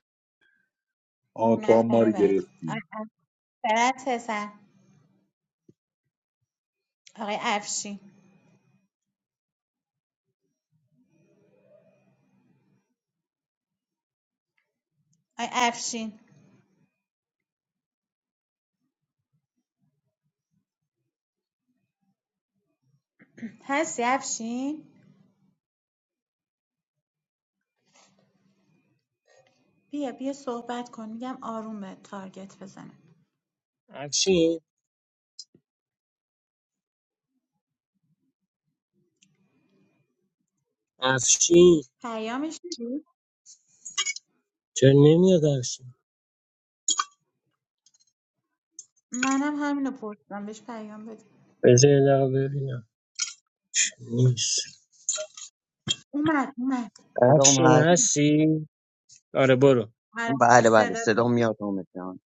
S7: آ تو هم ما
S4: نفر
S7: رو
S4: بعدی
S7: گرفتی
S4: آقای سر آقای افشین آقای افشین هستی افشین بیا بیا صحبت کن میگم آروم به تارگت بزنه
S8: افشین افشین
S4: پیامش میدی
S8: چرا نمیاد افشین
S4: منم همینو پرسیدم بهش پیام بده
S8: بذار یه دقیقه ببینم نیست
S4: اومد اومد
S16: صدام
S8: افشین
S16: هست
S8: هستی آره برو
S4: آره
S16: بله
S4: هست، صدا
S16: بله صدام
S4: داریم.
S16: میاد حامد جان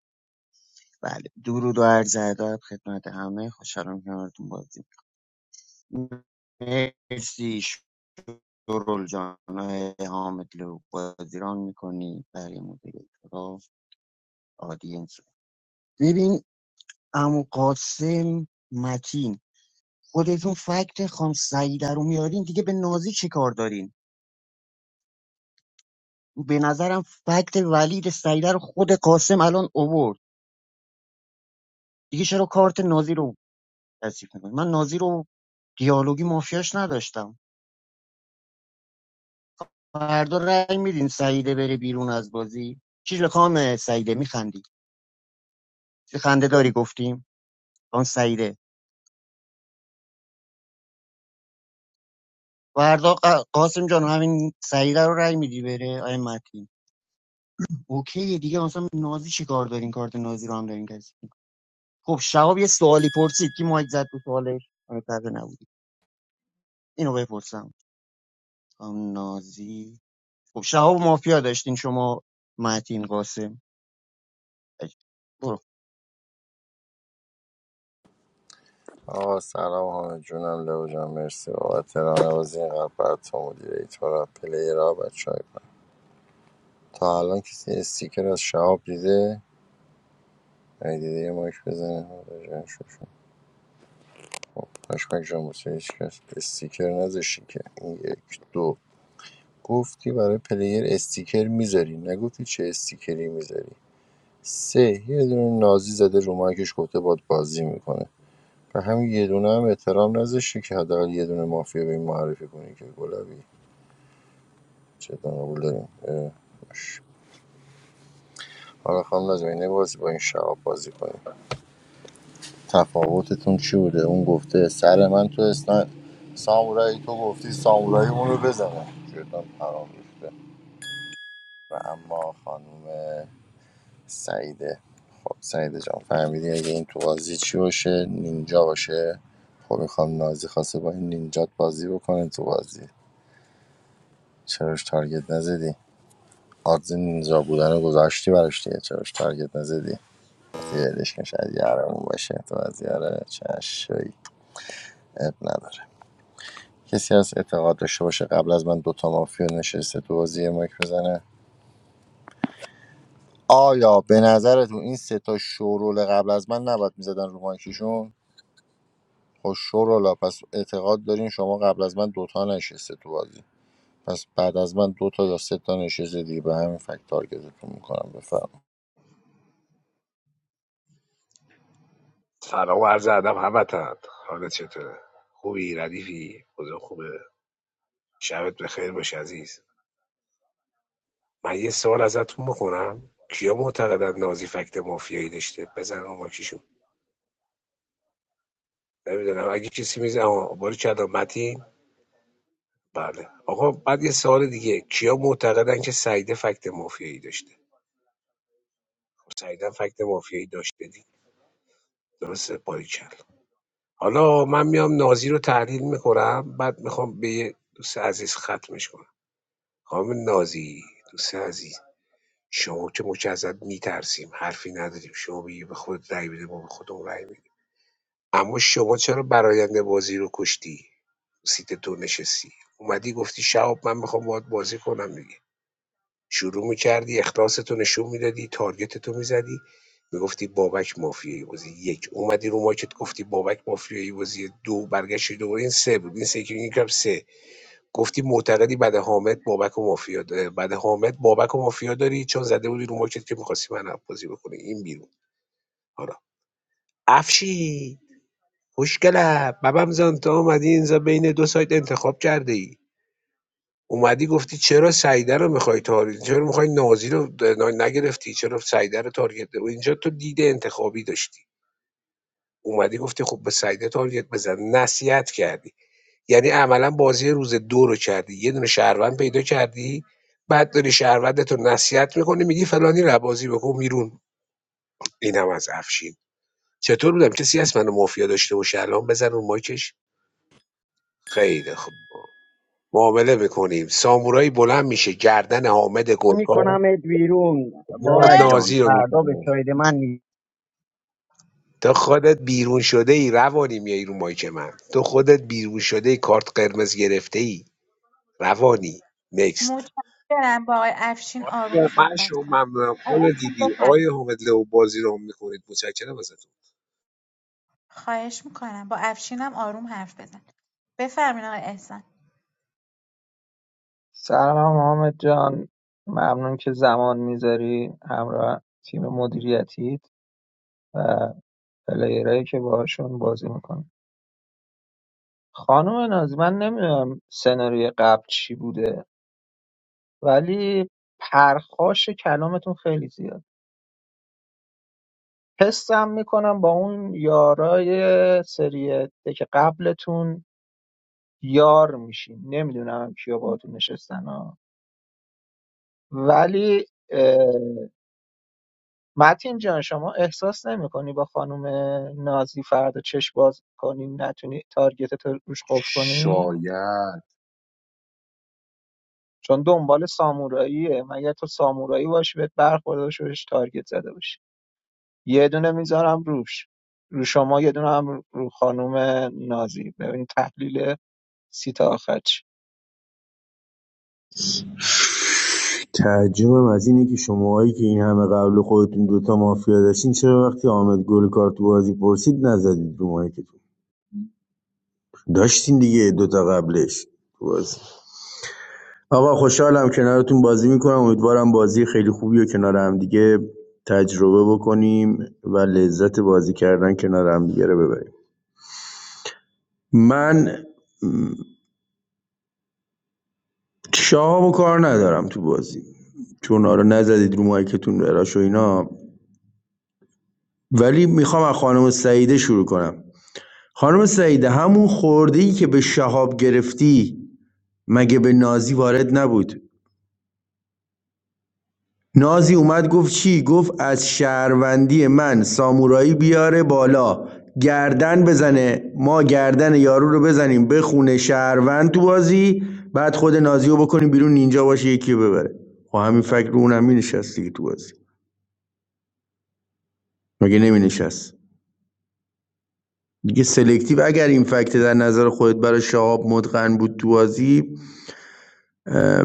S16: بله درود و عرض ادب خدمت همه خوشحالم کنارتون بازی مرسی شرول جان آقای حامد لو بازیران میکنی برای مدیر را آدینس ببین عمو قاسم متین خودتون فکت خام سعیده رو میارین دیگه به نازی چه کار دارین به نظرم فکت ولید سعیده رو خود قاسم الان اوورد دیگه چرا کارت نازی رو تصیف میکنی من نازی رو دیالوگی مافیاش نداشتم فردا رأی میدین سعیده بره بیرون از بازی چی لکام سعیده میخندی چه خنده داری گفتیم آن سعیده فردا قاسم جان همین سعیده رو رأی میدی بره آی متین اوکی دیگه مثلا نازی چی کار دارین کارت نازی رو هم دارین کسی خب شواب یه سوالی پرسید کی مایک زد تو سوالش آره، طبعا نبودی اینو بپرسم آم نازی خب شهاب مافیا داشتین شما متین قاسم
S1: آقا سلام همه جونم لو جان مرسی بابت رانوازی این قلب برای تو مدیریتورا پلیرها بچه های من تا الان کسی استیکر از شهاب دیده اگه دیده یه مایک بزنه آره جان شوشون خب پشمک جان واسه هیچ کس استیکر نذاشتی که این یک دو گفتی برای پلیر استیکر میذاری نگفتی چه استیکری میذاری سه یه دونه نازی زده رو مایکش گفته باد بازی میکنه و همین یه دونه هم احترام نذاشتی که حداقل یه دونه مافیا به این معرفی کنی که گلابی چه قبول داریم اه، باش. حالا خانم نازمی نبازی با این شعب بازی کنیم تفاوتتون چی بوده اون گفته سر من تو اسنا سامورایی تو گفتی سامورایی اونو بزنه شیطان پرام ریخته و اما خانم سعیده خب سعیده جان فهمیدی اگه این تو بازی چی باشه نینجا باشه خب میخوام نازی خواسته با این نینجات بازی بکنه تو بازی چراش تارگت نزدی آدز نینجا بودن رو گذاشتی براش دیگه چراش تارگت نزدی گفتی ولش کن شاید یارمون باشه تو بازی آره چشایی اب نداره کسی از اعتقاد داشته باشه قبل از من دوتا مافیا نشسته تو بازی یه مایک بزنه آیا به نظرتون این سه تا شورول قبل از من نباید میزدن رو مایکشون خب شورولا پس اعتقاد دارین شما قبل از من دوتا نشسته تو بازی پس بعد از من دوتا یا سه تا نشسته دیگه به همین فکت تارگتتون میکنم بفرم
S12: سلام و عرض ادب هموطن حالت چطوره خوبی ردیفی اوضاع خوبه شبت بخیر باش عزیز من یه سوال ازتون بکنم کیا معتقدن نازی فکت مافیایی داشته بزن آقا کیشون نمیدونم اگه کسی میزه آقا باری کردم متین بله آقا بعد یه سوال دیگه کیا معتقدن که سعیده فکت مافیایی داشته سعیده هم فکت مافیایی داشته دیگه درسته باری چند. حالا من میام نازی رو تحلیل میکنم بعد میخوام به یه دوست عزیز ختمش کنم خانم نازی دوست عزیز شما که ما که ازت میترسیم حرفی نداریم شما بگی به خود رای بده ما به خودمون رای میدیم. اما شما چرا براینده بازی رو کشتی سیت تو نشستی اومدی گفتی شهاب من میخوام باهات بازی کنم دیگه شروع میکردی اخلاصتو نشون میدادی تارگتتو میزدی میگفتی بابک مافیایی بازی یک اومدی رو ماکت گفتی بابک مافیایی بازی دو برگشتی دوباره این سه بود این سه که میگم سه گفتی معتقدی بعد حامد بابک و مافیا داره بعد حامد بابک و مافیا داری چون زده بودی رو مارکت که میخواستی من بازی بکنی این بیرون حالا افشی خوشگله ببم زن تا اومدی اینجا بین دو سایت انتخاب کرده ای اومدی گفتی چرا سعیده رو میخوای تارگت چرا میخوای نازی رو ن- نگرفتی چرا سعیده رو تارگت و اینجا تو دیده انتخابی داشتی اومدی گفتی خب به سعیده تارگت بزن نصیحت کردی یعنی عملا بازی روز دو رو کردی یه دونه شهروند پیدا کردی بعد داری شهروندت رو نصیحت میکنی میگی فلانی رو بازی بکن بیرون اینم از افشین چطور بودم کسی هست منو مافیا داشته باشه الان بزن اون مایکش خیلی خوب معامله میکنیم سامورایی بلند میشه گردن حامد گلکار
S16: میکنم بیرون
S12: یا
S16: بابک
S4: فرد
S16: جان
S12: نازی رو
S16: فردا به
S12: میزنه
S16: ساید من نیست
S12: تو خودت بیرون شده ای روانی میای رو مایک من تو خودت بیرون شده ای کارت قرمز گرفته ای روانی نکست
S4: متشکرم با آقای افشین آروم صحبت
S12: مشو
S4: کن
S12: ممنونم
S4: آقای
S12: خانم
S4: افشین
S12: دیدی آقای
S4: بفرمایید.
S12: حامد لو بازی رو هم میکنید متشکرم ازتون
S4: خواهش میکنم با افشینم آروم حرف بزن بفرمین آقای احسان
S9: سلام حامد جان ممنون که زمان میذاری همراه تیم مدیریتیت و پلیرهایی که باهاشون بازی میکنی خانم نازی من نمیدونم سناریوی قبل چی بوده ولی پرخاش کلامتون خیلی زیاد حسم میکنم با اون یارای سری که قبلتون یار میشین نمیدونم کیا باهاتون نشستن ها ولی متین جان شما احساس نمیکنی با خانم نازی فردا چش باز کنی نتونی تارگتت رو روش قفل کنی
S7: شاید
S9: چون دنبال ساموراییه مگر تو سامورایی باشی بهت برخورده باشه بهش تارگت زده باشی یه دونه میذارم روش رو شما یه دونه هم رو خانم نازی ببین تحلیل سیت آخر چی
S17: تعجبم از اینه که شماهایی که این همه قبل خودتون دوتا مافیا داشتین چرا وقتی حامد گلکار تو بازی پرسید نزدید رو مایکتون داشتین دیگه دوتا قبلش تو بازی آقا خوشحالم کنارتون بازی میکنم امیدوارم بازی خیلی خوبی و کنار هم دیگه تجربه بکنیم و لذت بازی کردن کنار هم دیگه رو ببریم من م، شهاب کار ندارم تو بازی چون آره نزدید رو مایکتون براش اینا ولی میخوام از خانم سعیده شروع کنم خانم سعیده همون خورده‌ای که به شهاب گرفتی مگه به نازی وارد نبود نازی اومد گفت چی گفت از شهروندی من سامورایی بیاره بالا گردن بزنه ما گردن یارو رو بزنیم بخونه شهروند تو بازی بعد خود نازی رو بکنیم بیرون اینجا باشه یکی رو ببره خب همین فکر رو اونم مینشست دیگه تو بازی مگه نمینشست دیگه سلکتیو اگر این فکت در نظر خودت برای شهاب متقن بود تو بازی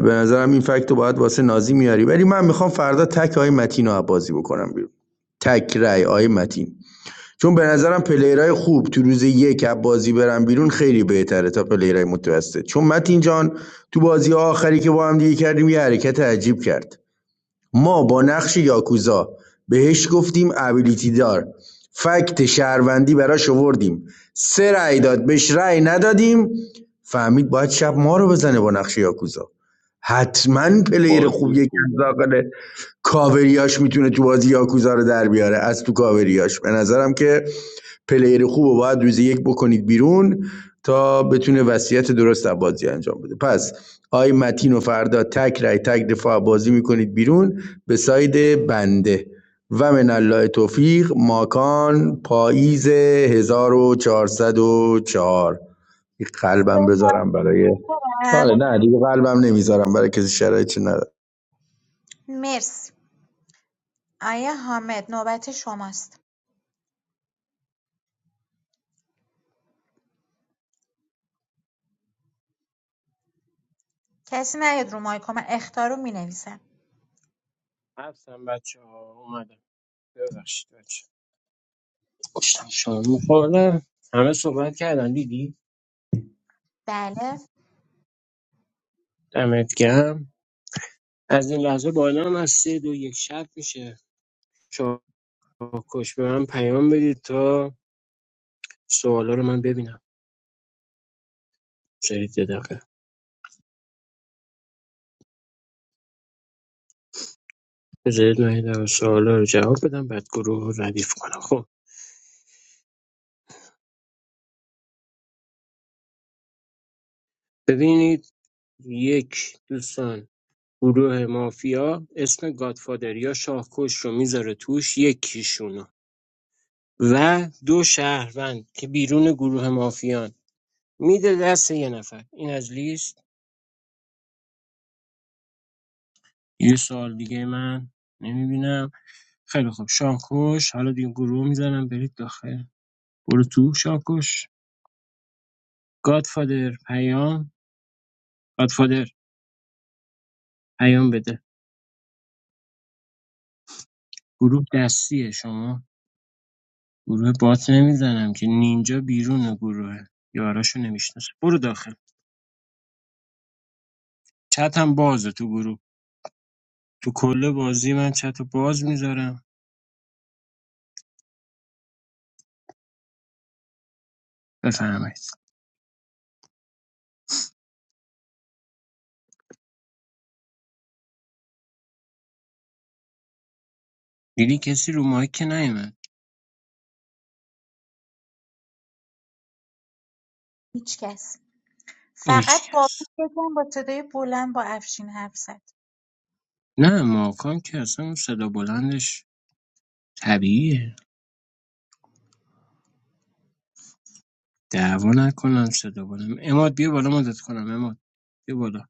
S17: به نظرم این فکت رو باید واسه نازی میاری ولی من میخوام فردا تک آقای متین رو بازی بکنم بیرون تک رای آقای متین چون به نظرم پلیرای خوب تو روز یک از بازی برن بیرون خیلی بهتره تا پلیرای متوسط چون متین جان تو بازی آخری که با هم دیگه کردیم یه حرکت عجیب کرد ما با نقش یاکوزا بهش گفتیم ابیلیتی دار فکت شهروندی براش آوردیم سه رأی داد بهش رأی ندادیم فهمید باید شب ما رو بزنه با نقش یاکوزا حتما پلیر
S7: بازی
S17: خوبیه که از
S7: خوبه
S17: داخل کاوریاش میتونه تو بازی یاکوزا رو در بیاره از تو کاوریاش به نظرم که پلیر خوب رو باید روزی یک بکنید بیرون تا بتونه وصیت درست از بازی انجام بده پس آی متین و فردا تک رای تک دفاع بازی میکنید بیرون به ساید بنده و من الله توفیق ماکان پاییز 1404 یک قلبم بذارم برای
S4: سپاسگزارم
S17: آره نه دیگه قلبم نمیذارم برای کسی شرایطی نداره
S4: مرسی آیا حامد نوبت شماست کسی نیاد رو مایکو من اختار رو مینویسم
S8: هستم بچه ها اومدم ببخشید بچه‌ها. داشتم شام میخوردم همه صحبت کردن دیدی
S4: بله
S8: دمت گرم از این لحظه بالا هم از سه دو یک شب میشه چاکش به من پیام بدید تا سوالا رو من ببینم بذارید یه دقیقه بذارید من یه دقیقه سوالا رو جواب بدم بعد گروه رو ردیف کنم خب ببینید یک دوستان گروه مافیا اسم گادفادر یا شاهکش رو میذاره توش یکیشونو و دو شهروند که بیرون گروه مافیان میده دست یه نفر این از لیست یه سوال دیگه من نمیبینم خیلی خوب شانکوش حالا دیگه گروه میزنم برید داخل برو تو شانکوش گادفادر پیام گادفادر پیام بده گروه دستیه شما گروه بات نمیزنم که نینجا بیرون گروه یاراشو نمیشناسه برو داخل چت هم بازه تو گروه تو کل بازی من چت رو باز میذارم بفهمید دیدی کسی رو مایک نیومد
S4: هیچ کس
S8: هیچ
S4: فقط
S8: کس
S4: بابک یکم با صدای بلند با افشین حرف زد
S8: نه ماکان که اصلا اون صدا بلندش طبیعیه دعوا نکنم صدا بلند اماد بیا بالا مدد کنم اماد بیا بالا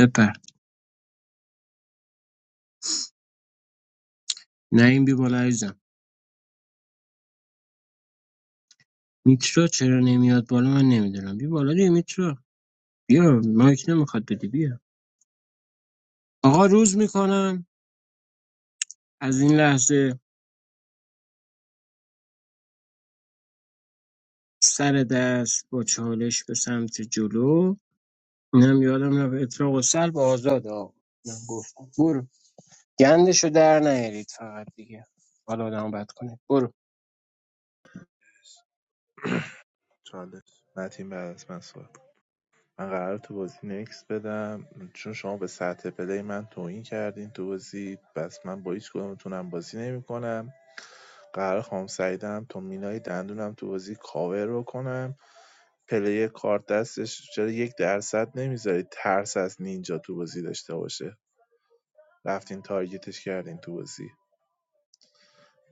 S8: بپر نه این بیا بالا عزیزم میترا چرا نمیاد بالا من نمیدونم بیا بالا دیگه میترا بیا مایک نمیخواد بدی بیا آقا روز میکنم از این لحظه سر دست با چالش به سمت جلو اینم یادم رفت اطلاق و سلب آزاد آقا اینم گفتم برو گندشو در نیارید فقط دیگه حالا آدم بد کنه برو
S2: چالش متین بعد از من صحبت کن. من قرار تو بازی نکس بدم چون شما به سطح پلی من توهین کردین تو بازی بس من با هیچ کدومتونم بازی نمیکنم قرار خام سعیدم تو مینای دندونم تو بازی کاور بکنم پلی کارت دستش چرا یک درصد نمیذارید ترس از نینجا تو بازی داشته باشه رفتین تارگتش کردین تو بازی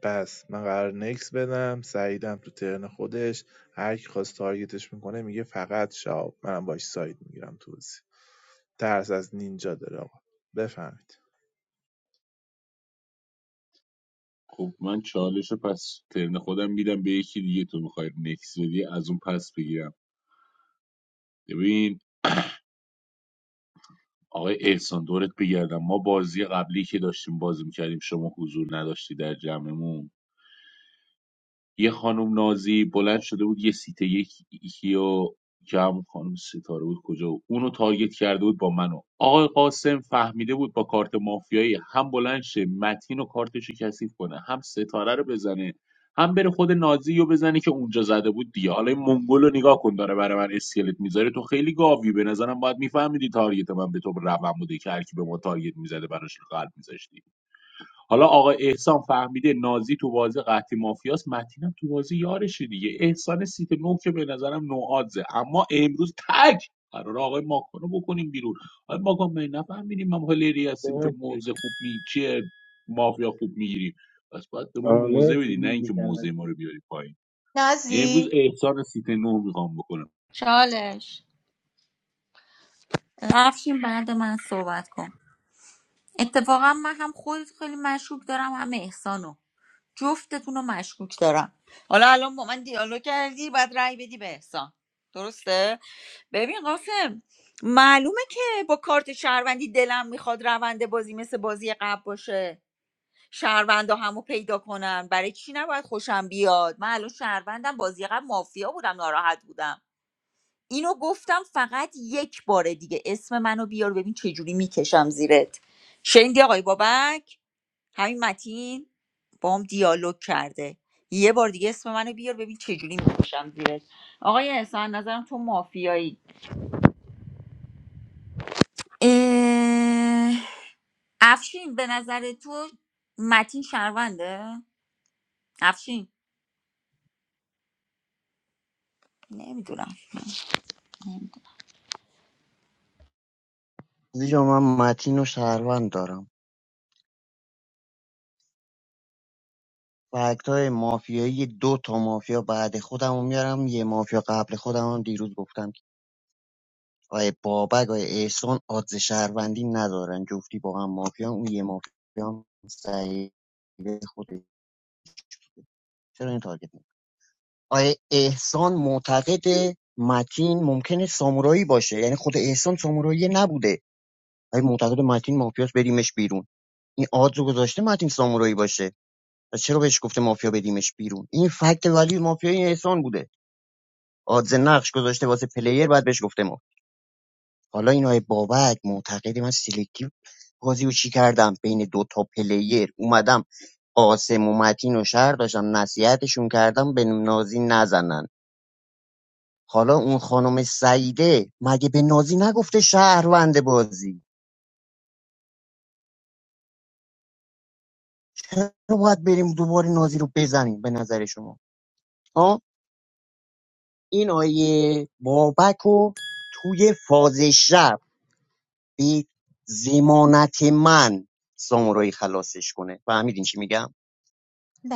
S2: پس من قرار نکس بدم سعیدم تو ترن خودش هر کی خواست تارگتش میکنه میگه فقط شاب منم باش ساید میگیرم تو بازی ترس از نینجا داره آقا بفهمید
S7: خب من چالش پس ترن خودم میدم به یکی دیگه تو میخوای نکس بدی از اون پس بگیرم ببین آقای احسان دورت بگردم ما بازی قبلی که داشتیم بازی میکردیم شما حضور نداشتی در جمعمون یه خانم نازی بلند شده بود یه سیت یک یکیو که همون خانم ستاره بود کجا بود اونو تارگت کرده بود با منو آقای قاسم فهمیده بود با کارت مافیایی هم بلند شه متین و کارتشو کثیف کنه هم ستاره رو بزنه هم بره خود نازی رو بزنه که اونجا زده بود دیگه حالا این منگول رو نگاه کن داره برای من اسکلت میذاره تو خیلی گاوی به نظرم باید میفهمیدی تارگت من به تو روم بوده که هر کی به ما تارگت میزده براش قلب میذاشتی حالا آقا احسان فهمیده نازی تو بازی قحطی مافیاس متینم تو بازی یارشه دیگه احسان سیت نو که به نظرم نوآدزه اما امروز تک قرار آقای ماکان رو بکنیم بیرون آقای ماکان می نفهمیدیم ما هلری هستیم که
S8: مرسی
S7: موزه خوب می مافیا خوب میگیریم پس باید به ما
S8: آه،
S7: موزه
S8: مرسی
S7: بدی نه
S8: لیلی
S7: اینکه
S8: دمت
S7: موزه ما
S8: گرم.
S7: رو بیاری پایین امروز
S4: نازی
S7: احسان سیت نو میخوام بکنم
S3: چالش رفشین بعد من صحبت کن اتفاقا من هم خودت خیلی مشکوک دارم هم احسانو جفتتون رو مشکوک دارم حالا الان با من دیالوگ کردی بعد رأی بدی به احسان درسته ببین قاسم معلومه که با کارت شهروندی دلم میخواد روند بازی مثل بازی قبل باشه شهروندا همو پیدا کنن برای چی نباید خوشم بیاد من الان شهروندم بازی قبل مافیا بودم ناراحت بودم اینو گفتم فقط یک بار دیگه اسم منو بیار ببین چجوری میکشم زیرت شنیدی آقای بابک همین متین بام دیالوگ کرده یه بار دیگه اسم منو بیار ببین چجوری میکشم زیرت آقای احسان نظرم تو مافیایی اه، افشین به نظر تو متین شهرونده افشین نمیدونم
S16: عزیز جان من متین و شهروند دارم فکت های مافیایی دو تا مافیا بعد خودم رو میارم یه مافیا قبل خودم هم دیروز گفتم که آقای بابک آقای احسان آدز شهروندی ندارن جفتی با هم مافیا اون یه مافیا هم سعید خوده چرا این تارگت می‌کنی؟ آقای احسان معتقد متین ممکنه سامورایی باشه یعنی خود احسان سامورایی نبوده آقای معتقد متین مافیاس بریمش بیرون این آدز رو گذاشته متین سامورایی باشه پس چرا بهش گفته مافیا بدیمش بیرون این فکت ولی مافیای احسان بوده آدز نقش گذاشته واسه پلیر بعد بهش گفته ما حالا این های بابک معتقد من سلکتیو بازی رو چی کردم بین دو تا پلیر اومدم قاسم و متین و شهر داشتم نصیحتشون کردم به نازی نزنن حالا اون خانم سعیده مگه به نازی نگفته شهروند بازی چرا باید بریم دوباره نازی رو بزنیم به نظر شما آه این آیه بابک رو توی فاز شب به زمانت من سامورایی خلاصش کنه فهمیدین چی میگم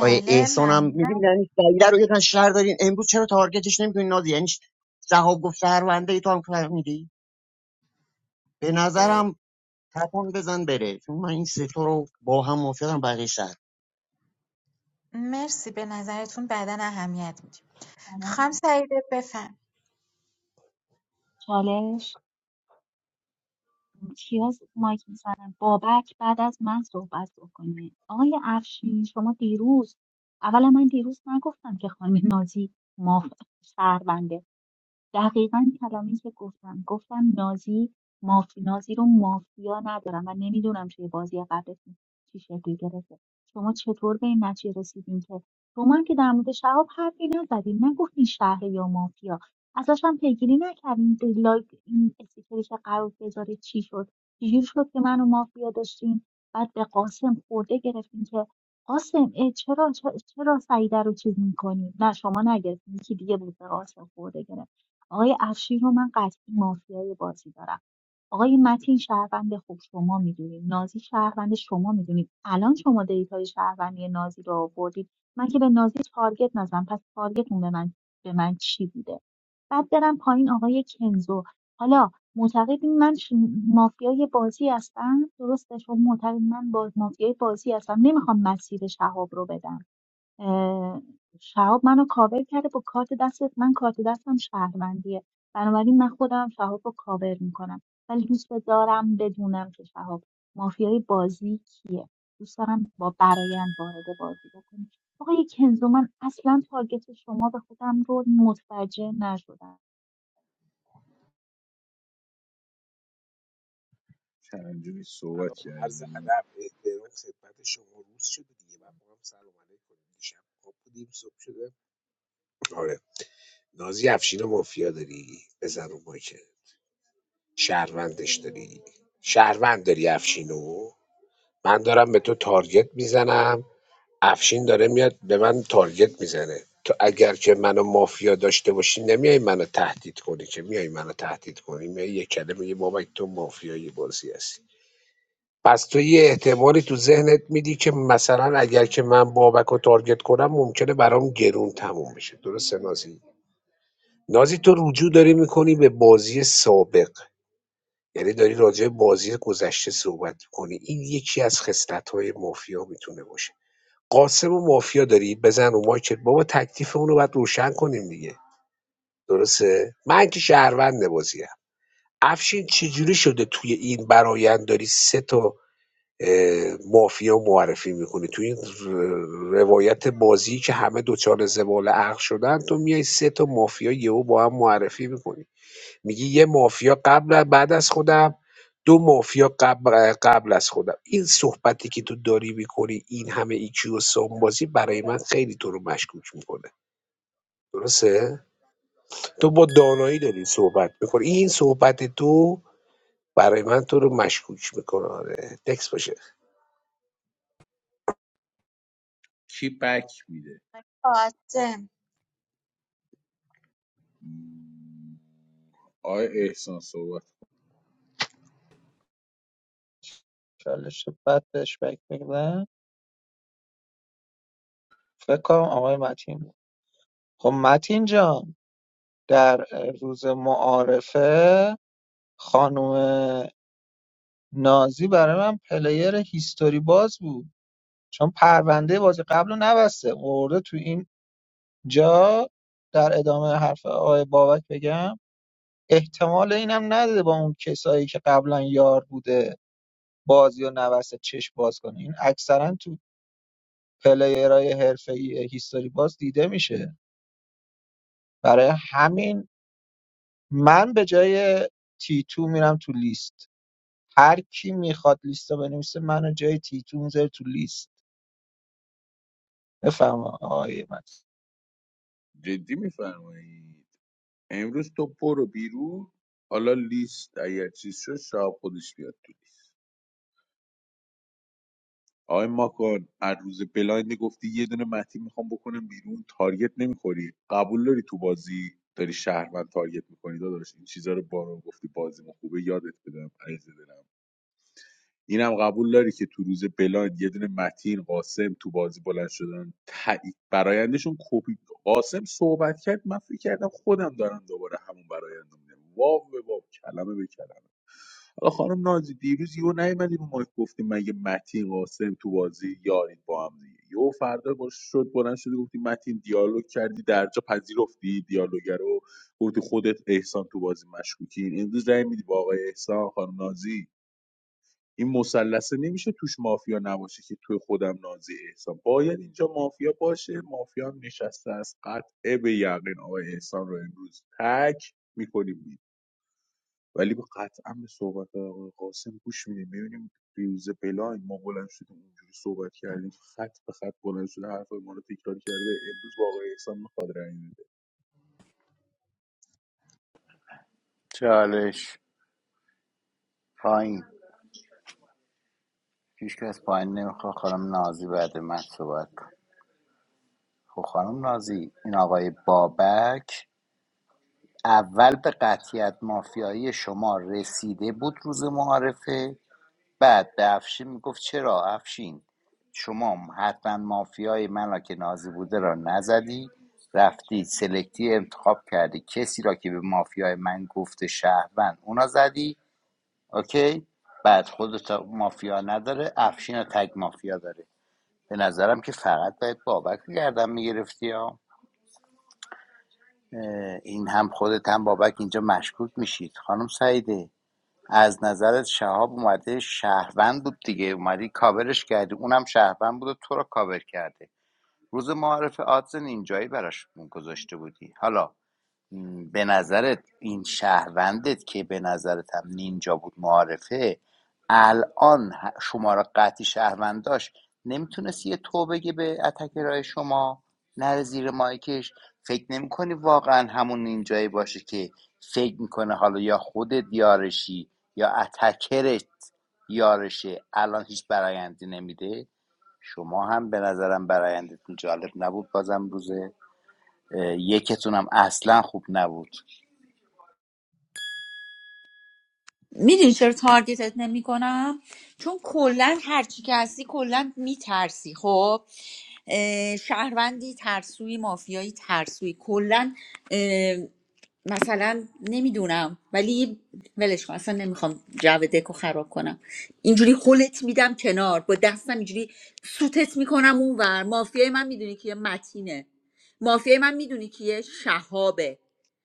S16: آیه احسان هم
S4: ممنونم
S16: میگیم یعنی سعیده رو یکن شهر دارین امروز چرا تارگتش نمیکنین نازی یعنی صحاب گفت شهرونده ای تو هم فهمیدی به نظرم تکان بزن بره چون من این سه تا رو با هم موافقم بقیه شهر
S4: مرسی به نظرتون بعدا اهمیت میدیم خانم سعیده بفهم
S11: چالش کیا مایک میزنن بابک بعد از من صحبت بکنه آقای افشین شما دیروز اولا من دیروز نگفتم که خانم نازی ما شهرونده دقیقا کلمه‌ای که گفتم گفتم نازی ماف... نازی رو مافیا ندارم و نمیدونم توی بازی قبلتون چی شکلی گرفته شما چطور به این نتیجه رسیدین که شما هم که در مورد شهاب حرفی نزدین نگفتین شهر یا مافیا ازش هم پیگیری نکردین لایک این استیکری که قرار بذاره چی شد چجور شد که منو مافیا داشتین بعد به قاسم خورده گرفتین که قاسم اه، چرا چرا سعیده رو چیز میکنی نه شما نگرفتین یکی دیگه بود به قاسم خورده گرفت آقای افشین رو من قطعی مافیای بازی دارم آقای متین شهروند خوب شما میدونید نازی شهروند شما میدونید الان شما دیتای شهروندی نازی رو آوردید من که به نازی تارگت نزدم پس تارگتون به من به من چی بوده بعد برم پایین آقای کنزو حالا معتقدین من ش- مافیای بازی هستم درسته شما معتقد من با مافیای بازی هستم نمیخوام مسیر شهاب رو بدم اه، شهاب منو کاور کرده با کارت دست من کارت دستم شهروندیه بنابراین من خودم شهاب رو کاور میکنم ولی دوست دارم بدونم که شهاب مافیای بازی کیه دوست دارم با برایند وارد بازی بکنم آقای کنزو من اصلا تارگت شما به خودم رو متوجه نشدم
S7: چندجوری صحبت
S12: سلام عرض
S7: کردیم
S12: ادب احترام خدمت شما روز شده دیگه بعد با هم سلام علیک کنیم دیشب خواب بودیم صبح شده آره نازی افشین رو مافیا داری بزن رو مایکل شهروندش داری شهروند داری افشینو من دارم به تو تارگت میزنم افشین داره میاد به من تارگت میزنه تو اگر که منو مافیا داشته باشی نمیای منو تهدید کنی که میای منو تهدید کنی میای یه کلمه یه بابک تو مافیایی بازی هستی پس تو یه احتمالی تو ذهنت میدی که مثلا اگر که من بابک رو تارگت کنم ممکنه برام گرون تموم بشه درسته نازی نازی تو رجوع داری میکنی به بازی سابق یعنی داری راجع به بازی گذشته صحبت کنی این یکی از خصلت‌های مافیا میتونه باشه قاسم و مافیا داری بزن رو مایکت بابا تکلیفمون رو باید روشن کنیم دیگه درسته من که شهروند بازیم افشین چجوری شده توی این برایند داری سه تا اه، مافیا معرفی میکنی توی این ر- روایت بازی که همه دوچار زباله عقل شدن تو میای سه تا مافیا یهو با هم معرفی میکنی میگی یه مافیا قبل بعد از خودم دو مافیا قبل قبل از خودم این صحبتی که تو داری میکنی این همه ایکیو و سانبازی برای من خیلی تو رو مشکوک میکنه درسته تو با دانایی داری صحبت میکنی این صحبت تو برای من تو رو مشکوک میکنه آره تکس باشه
S7: کی بک میده
S4: فاطم
S7: آقای احسان صحبت
S9: چالش رو بعد بهش بک می‌دم. فکر کنم آقای متین بود. خب متین جان در روز معارفه خانم نازی برای من پلیر هیستوری باز بود چون پرونده بازی قبل رو نبسته ورده تو این جا در ادامه حرف آقای بابک بگم احتمال اینم نداده با اون کسایی که قبلا یار بوده بازی و نبسته چشم باز کنه این اکثرا تو پلیرهای حرفه‌ای هیستوری باز دیده میشه برای همین من به جای تیتو میرم تو لیست هر کی میخواد لیست رو بنویسه منو جای تیتو میذاره تو لیست بفرما آقای متین
S7: جدی میفرمایی امروز تو برو بیرون حالا لیست اگر چیز شد شاید خودش بیاد تو لیست. آقای ماکان هر روز بلایند گفتی یه دونه مهدی میخوام بکنم بیرون تارگت نمیخوری قبول داری تو بازی داری شهروند تارگت میکنی داداش این چیزا رو بارون گفتی بازیمون خوبه یادت بدم عزیز دلم اینم قبول داری که تو روز بلایند یه دونه متین قاسم تو بازی بلند شدن تایید برایندشون کپی قاسم صحبت کرد من فکر کردم خودم دارم دوباره همون برایندم واو به واو کلمه به کلمه حالا خانم نازی دیروز یهو نیومدی رو مایک گفتیم مگه متین قاسم تو بازی یارید با هم دیگه یهو فردا باش شد بلند شدی گفتی متین دیالوگ کردی در جا پذیرفتی دیالوگ رو گفتی خودت احسان تو بازی مشکوکین امروز رای میدی با آقای احسان خانم نازی این مثلثه نمیشه توش مافیا نباشه که توی خودم نازی احسان باید اینجا مافیا باشه مافیا هم نشسته است قطعه به یقین آقای احسان رو امروز تک میکنیم ولی به- قطعا به صحبت آقای قاسم گوش میدیم میبینیم ریوز بلای ما بلند شدیم اونجوری صحبت کردیم خط به خط بلند شده حرف ما رو تکرار کرده امروز با آقای احسان میخواد رأی
S5: چالش پایین هیچ که از پایین نمیخواد خانم نازی بعد من صحبت کن خب خانم نازی این آقای بابک اول به قطعیت مافیایی شما رسیده بود روز معارفه بعد به افشین میگفت چرا افشین شما حتما مافیای من را که نازی بوده را نزدی رفتی سلکتی انتخاب کردی کسی را که به مافیای من گفته شهروند اونا زدی اوکی بعد خودت مافیا نداره افشین رو تگ مافیا داره به نظرم که فقط باید بابک رو گردن میگرفتی ها این هم خودت هم بابک اینجا مشکوک میشید خانم سعیده از نظرت شهاب اومده شهروند بود دیگه اومدی کاورش کردی اونم شهروند بود و تو رو کاور کرده روز معارف آدزن اینجایی براش گذاشته بودی حالا به نظرت این شهروندت که به نظرت هم نینجا بود معارفه الان شما را قطعی شهروند داشت نمیتونست یه تو بگه به اتک رای شما نره زیر مایکش فکر نمیکنی واقعا همون نینجایی باشه که فکر میکنه حالا یا خودت یارشی یا اتکرت یارشه الان هیچ برایندی نمیده شما هم به نظرم برایندتون جالب نبود بازم روزه اه، یکتون هم اصلا خوب نبود
S3: میدونی چرا تارگتت نمیکنم چون کلا هرچی که هستی کلا میترسی خب اه، شهروندی ترسوی مافیایی ترسوی کلا اه، مثلا نمیدونم ولی ولش کن اصلا نمیخوام جو دکو خراب کنم اینجوری خولت میدم کنار با دستم اینجوری سوتت میکنم اونور مافیای من میدونی کیه متینه مافیای من میدونی کیه شهابه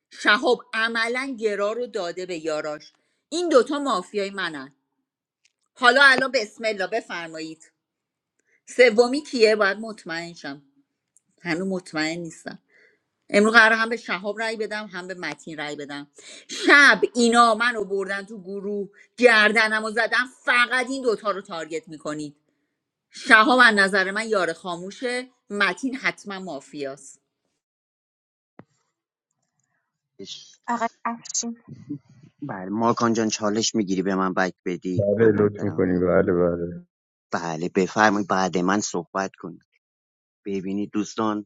S3: شهاب عملا گرا رو داده به یاراش این دوتا مافیای منن حالا الان بسم الله بفرمایید سومی کیه باید مطمئن شم هنوز مطمئن نیستم امروز قرار هم به شهاب رأی بدم هم به متین رأی بدم شب اینا منو بردن تو گروه گردنم و زدم فقط این دوتا رو تارگت میکنید شهاب از نظر من یار خاموشه متین حتما مافیاست
S4: آقای افشین
S16: بله ماکان جان چالش میگیری به من بک بدی
S17: بله
S16: قربونت
S17: لطف
S16: برم
S17: میکنی بله بله
S16: بله بفرمایید بعد من صحبت کن ببینید دوستان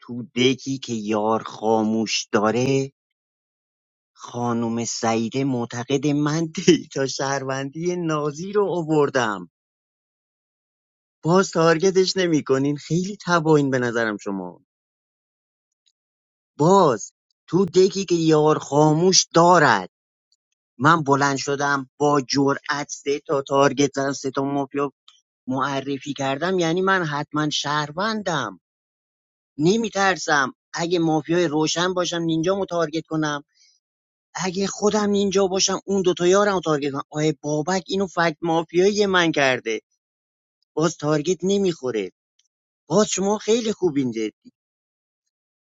S16: تو دکی که یار خاموش داره خانم سعیده معتقد من دیتا شهروندی نازی رو آوردم باز تارگتش نمیکنین خیلی تباین به نظرم شما باز تو دکی که یار خاموش دارد من بلند شدم با جرأت سه تا تارگت زدم سه تا مافیا معرفی کردم یعنی من حتما شهروندم نمیترسم اگه مافیای روشن باشم نینجامو تارگت کنم اگه خودم اینجا باشم اون دوتا یارم رو تارگت کنم آیه بابک اینو فکت مافیایی من کرده باز تارگت نمیخوره باز شما خیلی خوبین جدی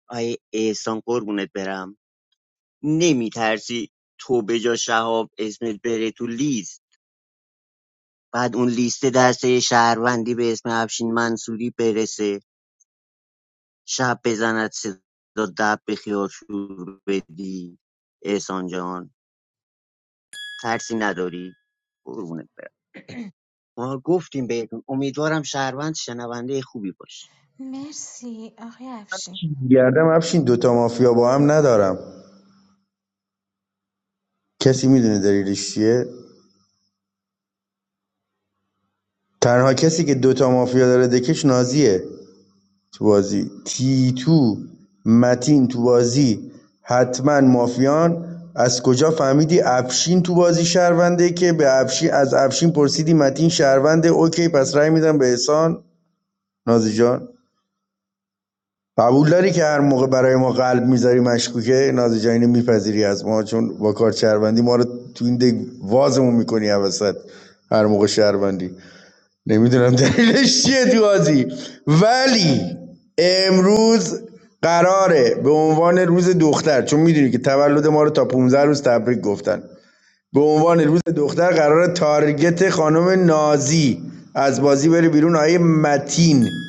S16: آیه احسان قربونت برم نمیترسی تو به جا شهاب اسمت بره تو لیست بعد اون لیست دسته شهروندی به اسم افشین منصوری برسه شب بزند صدا دب به خیال شور بدی احسان جان ترسی نداری قربونت برم ما گفتیم بهتون امیدوارم شهروند شنونده خوبی باشه
S4: مرسی آقای افشین
S17: گردم افشین دوتا مافیا با هم ندارم کسی میدونه دلیلش چیه تنها کسی که دوتا مافیا داره دکش نازیه تو بازی تیتو متین تو بازی حتما مافیان از کجا فهمیدی افشین تو بازی شهرونده که به افشین از افشین پرسیدی متین شهرونده اوکی پس رأی میدم به احسان نازی جان قبول داری که هر موقع برای ما قلب میذاری مشکوکه نازی جان اینو میپذیری از ما چون با کار شهروندی ما رو تو این دگ وازمون میکنی وسط هر موقع شهروندی نمیدونم دلیلش چیه تو بازی ولی امروز قراره به عنوان روز دختر چون میدونی که تولد ما رو تا 15 روز تبریک گفتن به عنوان روز دختر قراره تارگت خانم نازی از بازی بره بیرون آیه متین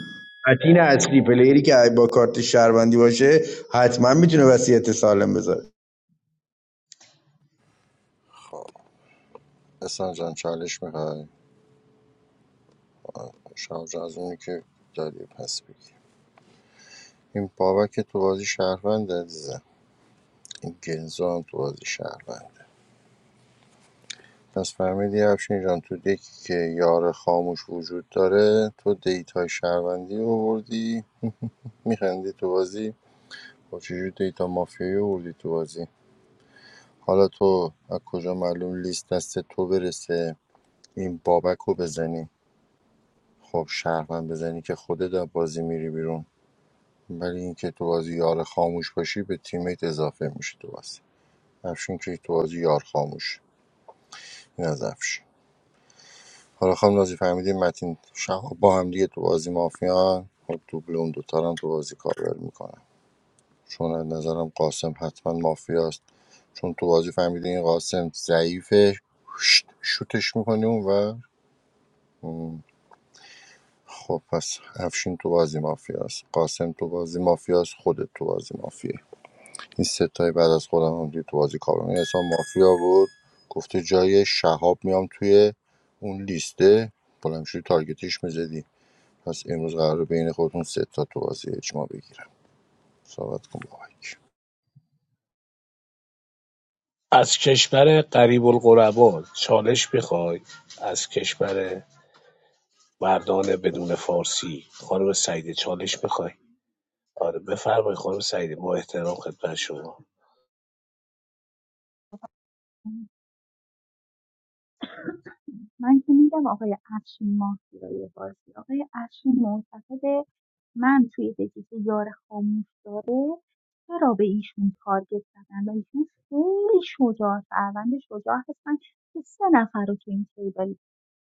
S17: متین اصلی پلیری که با کارت شهروندی باشه حتما میتونه وصیت سالم بذاره
S1: اصلا جان چالش میخوای شام جان از اونی که داری پس بگی این بابک تو بازی شهروند عزیزم این گنزو هم تو بازی شهروند پس فهمیدی افشین جان تو دکی که یار خاموش وجود داره تو دیتای شهروندی رو بردی میخندی تو بازی با چجور دیتا مافیایی رو بردی تو بازی حالا تو از کجا معلوم لیست دست تو برسه این بابک رو بزنی خب شهروند بزنی که خودت از بازی میری بیرون ولی اینکه تو بازی یار خاموش باشی به تیمیت اضافه میشه تو بازی افشین که تو بازی یار خاموش این از افشین حالا خانم نازی فهمیدیم متین شهاب با هم دیگه تو بازی مافیان خب دوبل اون دوتا رو هم تو بازی کاور میکنن چون از نظرم قاسم حتما مافیاست چون تو بازی فهمیدی این قاسم ضعیفه شوت- شوتش میکنی اون و خب پس افشین تو بازی مافیاست قاسم تو بازی مافیاست خودت تو بازی مافیایی این ستای بعد از خودم هم دیگه تو بازی کارونه این حساب مافیا بود گفته جای شهاب میام توی اون لیسته بلمشوی تارگتیش میزدی پس امروز قرار بین خودتون سه تا تو بازی اجماع بگیرم صحبت کن بابک
S12: از کشور قریب القربا چالش بخوای از کشور مردان بدون فارسی خانم سعیده چالش بخوای آره بفرمایید خانم سعیده با احترام خدمت شما
S11: من که میگم آقای افشین مافیای بازی آقای افشین معتقده من توی دکی که یار خاموش داره چرا به ایشون تارگت زدن و ایشون خیلی شجاع فروند شجاع هستن که سه نفر رو تو این تیبل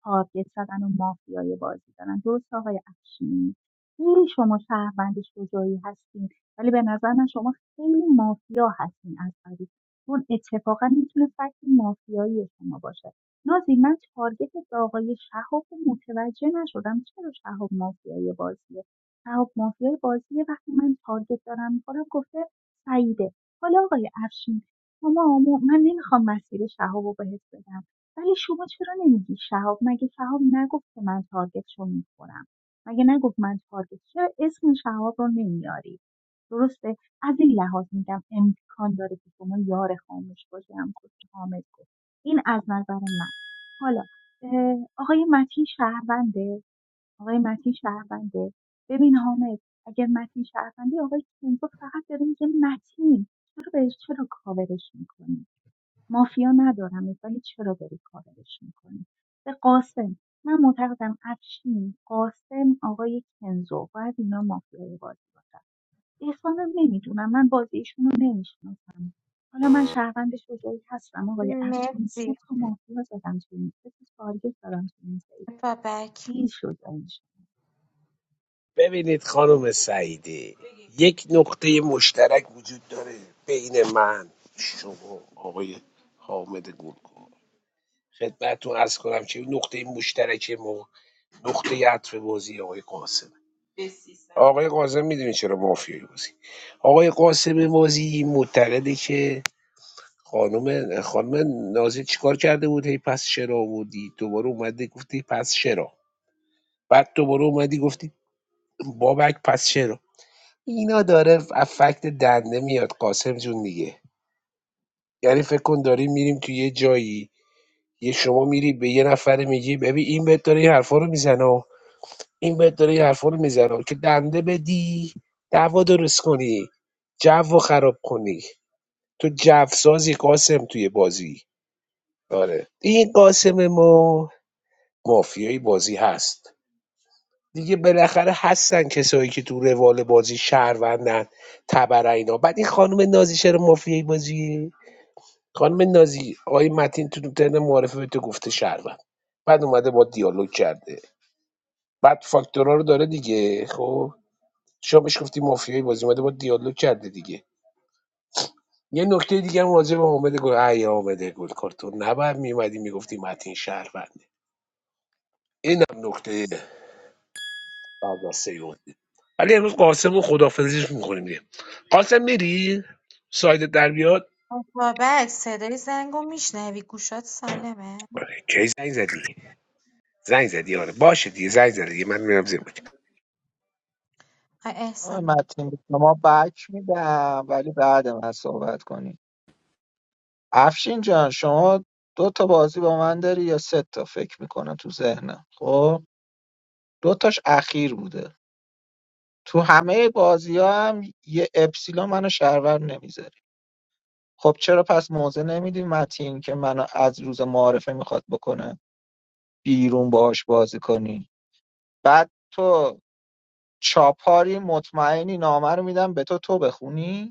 S11: تارگت زدن و مافیای بازی دارن درست آقای افشین خیلی شما شهروند شجاعی هستین ولی به نظر من شما خیلی مافیا هستین از قبیل. چون اتفاقا میتونه فکت مافیایی شما باشه نازی من تارگتت به آقای شهاب رو متوجه نشدم چرا شهاب مافیای بازیه شهاب مافیای بازیه وقتی من تارگت دارم میخورم گفته سعیده حالا آقای افشین شما م- من نمیخوام مسیر شهاب رو بهت بدم ولی شما چرا نمیگی شهاب مگه شهاب نگفت که من تارگتشو میخورم مگه نگفت من تارگت چرا اسم شهاب رو نمیاری درسته از این لحاظ میگم امکان داره که شما یار خاموش باشی همونطور که حامد گفت این از نظر من حالا اه، آقای متین شهرونده آقای متین شهرونده ببین حامد اگر متین شهرونده آقای کنزو فقط داره میگه متین چرا بهش چرا کاورش میکنی مافیا ندارم ولی چرا داری کاورش میکنی به قاسم من معتقدم افشین قاسم آقای کنزو باید اینا مافیای بازی باشن عرفانم نمیدونم من بازی ایشون رو نمیشناسم حالا من شهروند شجاعی هستم آقای افشین سه
S4: مرسی
S11: تا مافیا زدم تو این سه تا تارگت دارم تو این سری
S4: بابک
S11: این شجاعیش
S12: ببینید خانم سعیدی یک نقطه مشترک وجود داره بین من شما آقای حامد گلگون خدمتتون ارز کنم که نقطه مشترک ما نقطه عطف بازی آقای قاسم آقای قاسم میدونی چرا مافیای بازی آقای قاسم بازی معتقده که خانم خانم نازی چیکار کرده بود هی پس چرا آوردی دوباره اومده گفتی پس چرا بعد دوباره اومدی گفتی بابک پس چرا اینا داره ف- دنده میاد قاسم جون دیگه یعنی فکر کن داریم میریم تو یه جایی یه شما میری به یه نفر میگی ببین این بهت داره این حرفا رو میزنه و این بهت داره این حرفا رو میزنه که دنده بدی دعوا درست کنی جو خراب کنی تو جو سازی قاسم توی بازی آره این قاسم ما مافیای بازی هست دیگه بالاخره هستن کسایی که تو روال بازی شهروندن تبر اینا بعد این خانم نازی شهر مافیای بازی خانم نازی آقای متین تو ترن معرفه به تو گفته شهروند بعد اومده با دیالوگ کرده بعد فاکتورا رو داره دیگه خب شما بهش گفتی مافیای بازی اومده با دیالوگ کرده دیگه یه نکته دیگه هم راجع به حامد گل ای حامد گل کارتون نبر میومدی میگفتی متین شهرونده اینم نکته بعد از سیون ولی امروز قاسم رو خدافزیش میکنیم دیگه قاسم میری سایدت در بیاد
S4: بابک صدای زنگو میشنوی گوشات سالمه
S12: آره، کی زنگ زدی زنگ زدی آره باشه دیگه زنگ زدی دیگه. من میرم زیر بک
S4: آقای
S9: آقای
S4: احسان
S9: متین به شما بک میدم ولی بعد من صحبت کنی افشین جان شما دو تا بازی با من داری یا سه تا فکر میکنم تو ذهنم خب دو تاش اخیر بوده تو همه بازی ها هم یه اپسیلون منو شهرور نمیذاری خب چرا پس موضع نمیدی متین که منو از روز معارفه میخواد بکنه بیرون باهاش بازی کنی بعد تو چاپاری مطمئنی نامه رو میدم به تو تو بخونی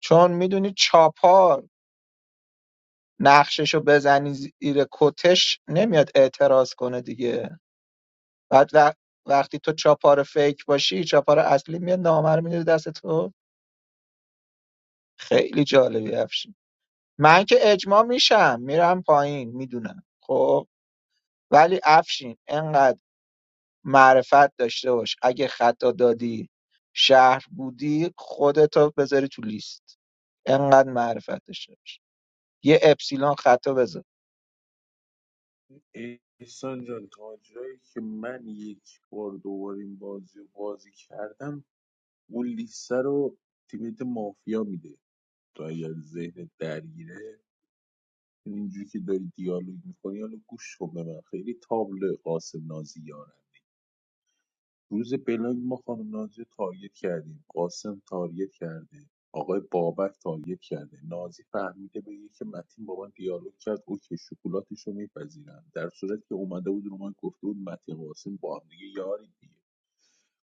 S9: چون میدونی چاپار نقششو بزنی زیر کتش نمیاد اعتراض کنه دیگه بعد و- وقتی تو چاپار فیک باشی چاپار اصلی میاد نامر میده دست تو خیلی جالبی افشین من که اجماع میشم میرم پایین میدونم خب ولی افشین انقدر معرفت داشته باش اگه خطا دادی شهر بودی خودتو بذاری تو لیست انقدر معرفت داشته باش یه اپسیلون خطا بذار
S7: بده احسان جان تا جایی که من یک بار دوباره این بازی رو بازی کردم اون لیسته رو تیمیت مافیا میده تو اگر ذهن درگیره اینجوری که داری دیالوگ میکنی حالا گوش کن به من خیلی تابلو قاسم نازیاره روز بلاگ ما خانم نازی رو تارگت کردیم قاسم تارگت کرده آقای بابک تارگت کرده نازی فهمیده بگه که متین با من دیالوگ کرد اوکی شکلاتش رو میپذیرم در صورتی که اومده بود رو من گفته بود متین قاسم با هم دیگه یاری دیگه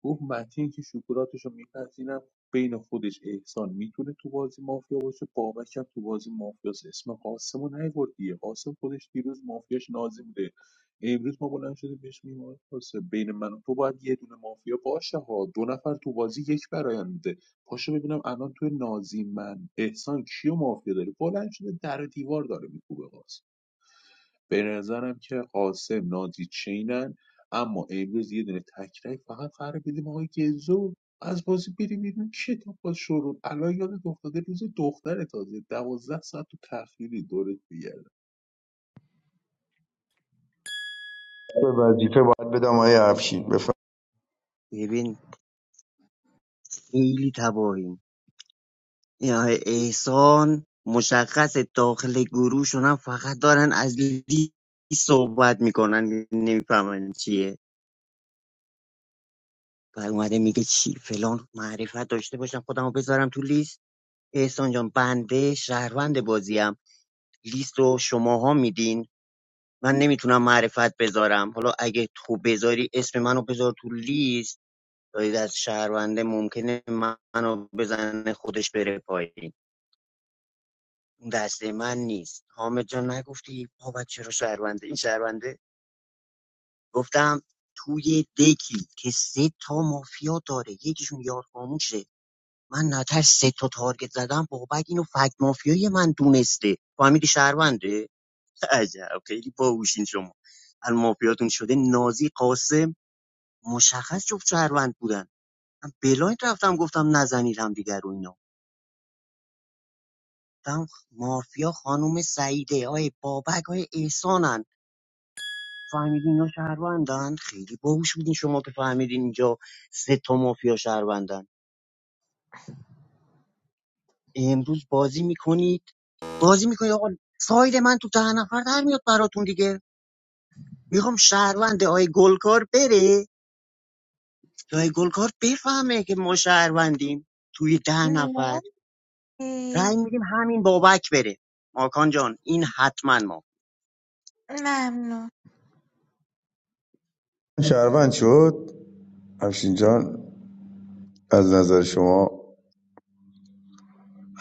S7: گفت متین که شکراتش رو میپذیرم بین خودش احسان میتونه تو بازی مافیا باشه بابک هم تو بازی مافیاس اسم قاسم رو نیورد دیگه قاسم خودش دیروز مافیاش نازی بوده امروز ما بلند شده بهش میگیم قاسم بین من و تو باید یه دونه مافیا باشه ها دو نفر تو بازی یک برایند بوده پاشو ببینم الان تو نازی من احسان کیو مافیا داری بلند شده در و دیوار داره میکوبه قاسم به نظرم که قاسم نادی چینن اما امروز یه دونه تکرک فقط قرار بدیم آقای گزو از بازی بریم بیرون کتاب با شروع الان یادت افتاده روز دختر تازه دوازده ساعت تو تخیلی دورت
S17: به وظیفه باید بدم آیه افشین بفرمایید
S16: ببین خیلی تباهیم این آقای احسان مشخص داخل گروه شدن فقط دارن از لی صحبت میکنن نمیفهمن چیه بعد اومده میگه چی فلان معرفت داشته باشم خودم رو بذارم تو لیست احسان جان بنده شهروند بازیم لیست رو شماها میدین من نمیتونم معرفت بذارم حالا اگه تو بذاری اسم منو بذار تو لیست دارید از شهرونده ممکنه منو بزنه خودش بره پایین اون دست من نیست حامد جان نگفتی بابا چرا شهرونده این شهرونده گفتم توی دکی که سه تا مافیا داره یکیشون یار خاموشه من نتر سه تا تارگت زدم بابک اینو فکت مافیای من دونسته فهمیدی شهرونده عجب خیلی باهوشین شما از مافیاتون شده نازی قاسم مشخص جفت شهروند بودن من بلایند رفتم گفتم نزنید هم دیگر رو اینا رفتم مافیا خانوم سعیده آی بابک آیه احسانن فهمیدین اینا شهروندن خیلی باهوش بودین شما که فهمیدین اینجا سه تا مافیا شهروندن امروز بازی میکنید بازی میکنید آقا ساید من تو ده نفر در میاد براتون دیگه میخوام شهروند آی گلکار بره آیه گلکار بفهمه که ما شهروندیم توی ده نفر رأی
S4: مرسی
S16: میدیم همین بابک بره ماکان جان این حتما ما
S4: ممنون
S17: شهروند شد افشین جان از نظر شما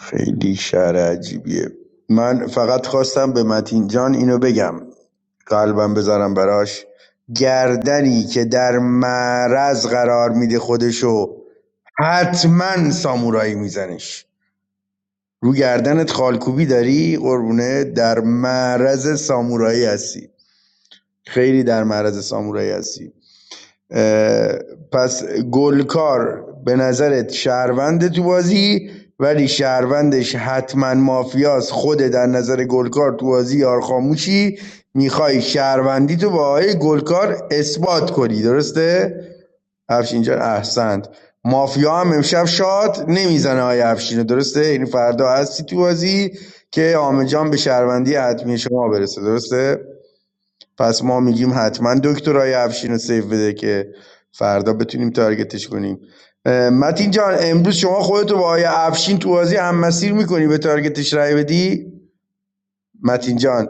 S17: خیلی شعر عجیبیه من فقط خواستم به متین جان اینو بگم قلبم بذارم براش گردنی که در معرض قرار میده خودشو حتما سامورایی میزنش رو گردنت خالکوبی داری قربونه در معرض سامورایی هستی خیلی در معرض سامورایی هستی پس گلکار به نظرت شهرونده تو بازی ولی شهروندش حتما مافیاس خود در نظر گلکار تو بازی یار خاموشی میخوای شهروندی تو با آقای گلکار اثبات کنی درسته؟ افشین جان احسنت مافیا هم امشب شاد نمیزنه آقای افشین رو، درسته؟ یعنی فردا هستی تو بازی که آمجان به شهروندی حتمی شما برسه درسته؟ پس ما میگیم حتما دکترای افشین رو سیو بده که فردا بتونیم تارگتش کنیم اه، متین جان امروز شما خودتو با آیه افشین تو بازی هم مسیر میکنی به تارگتش رای بدی متین جان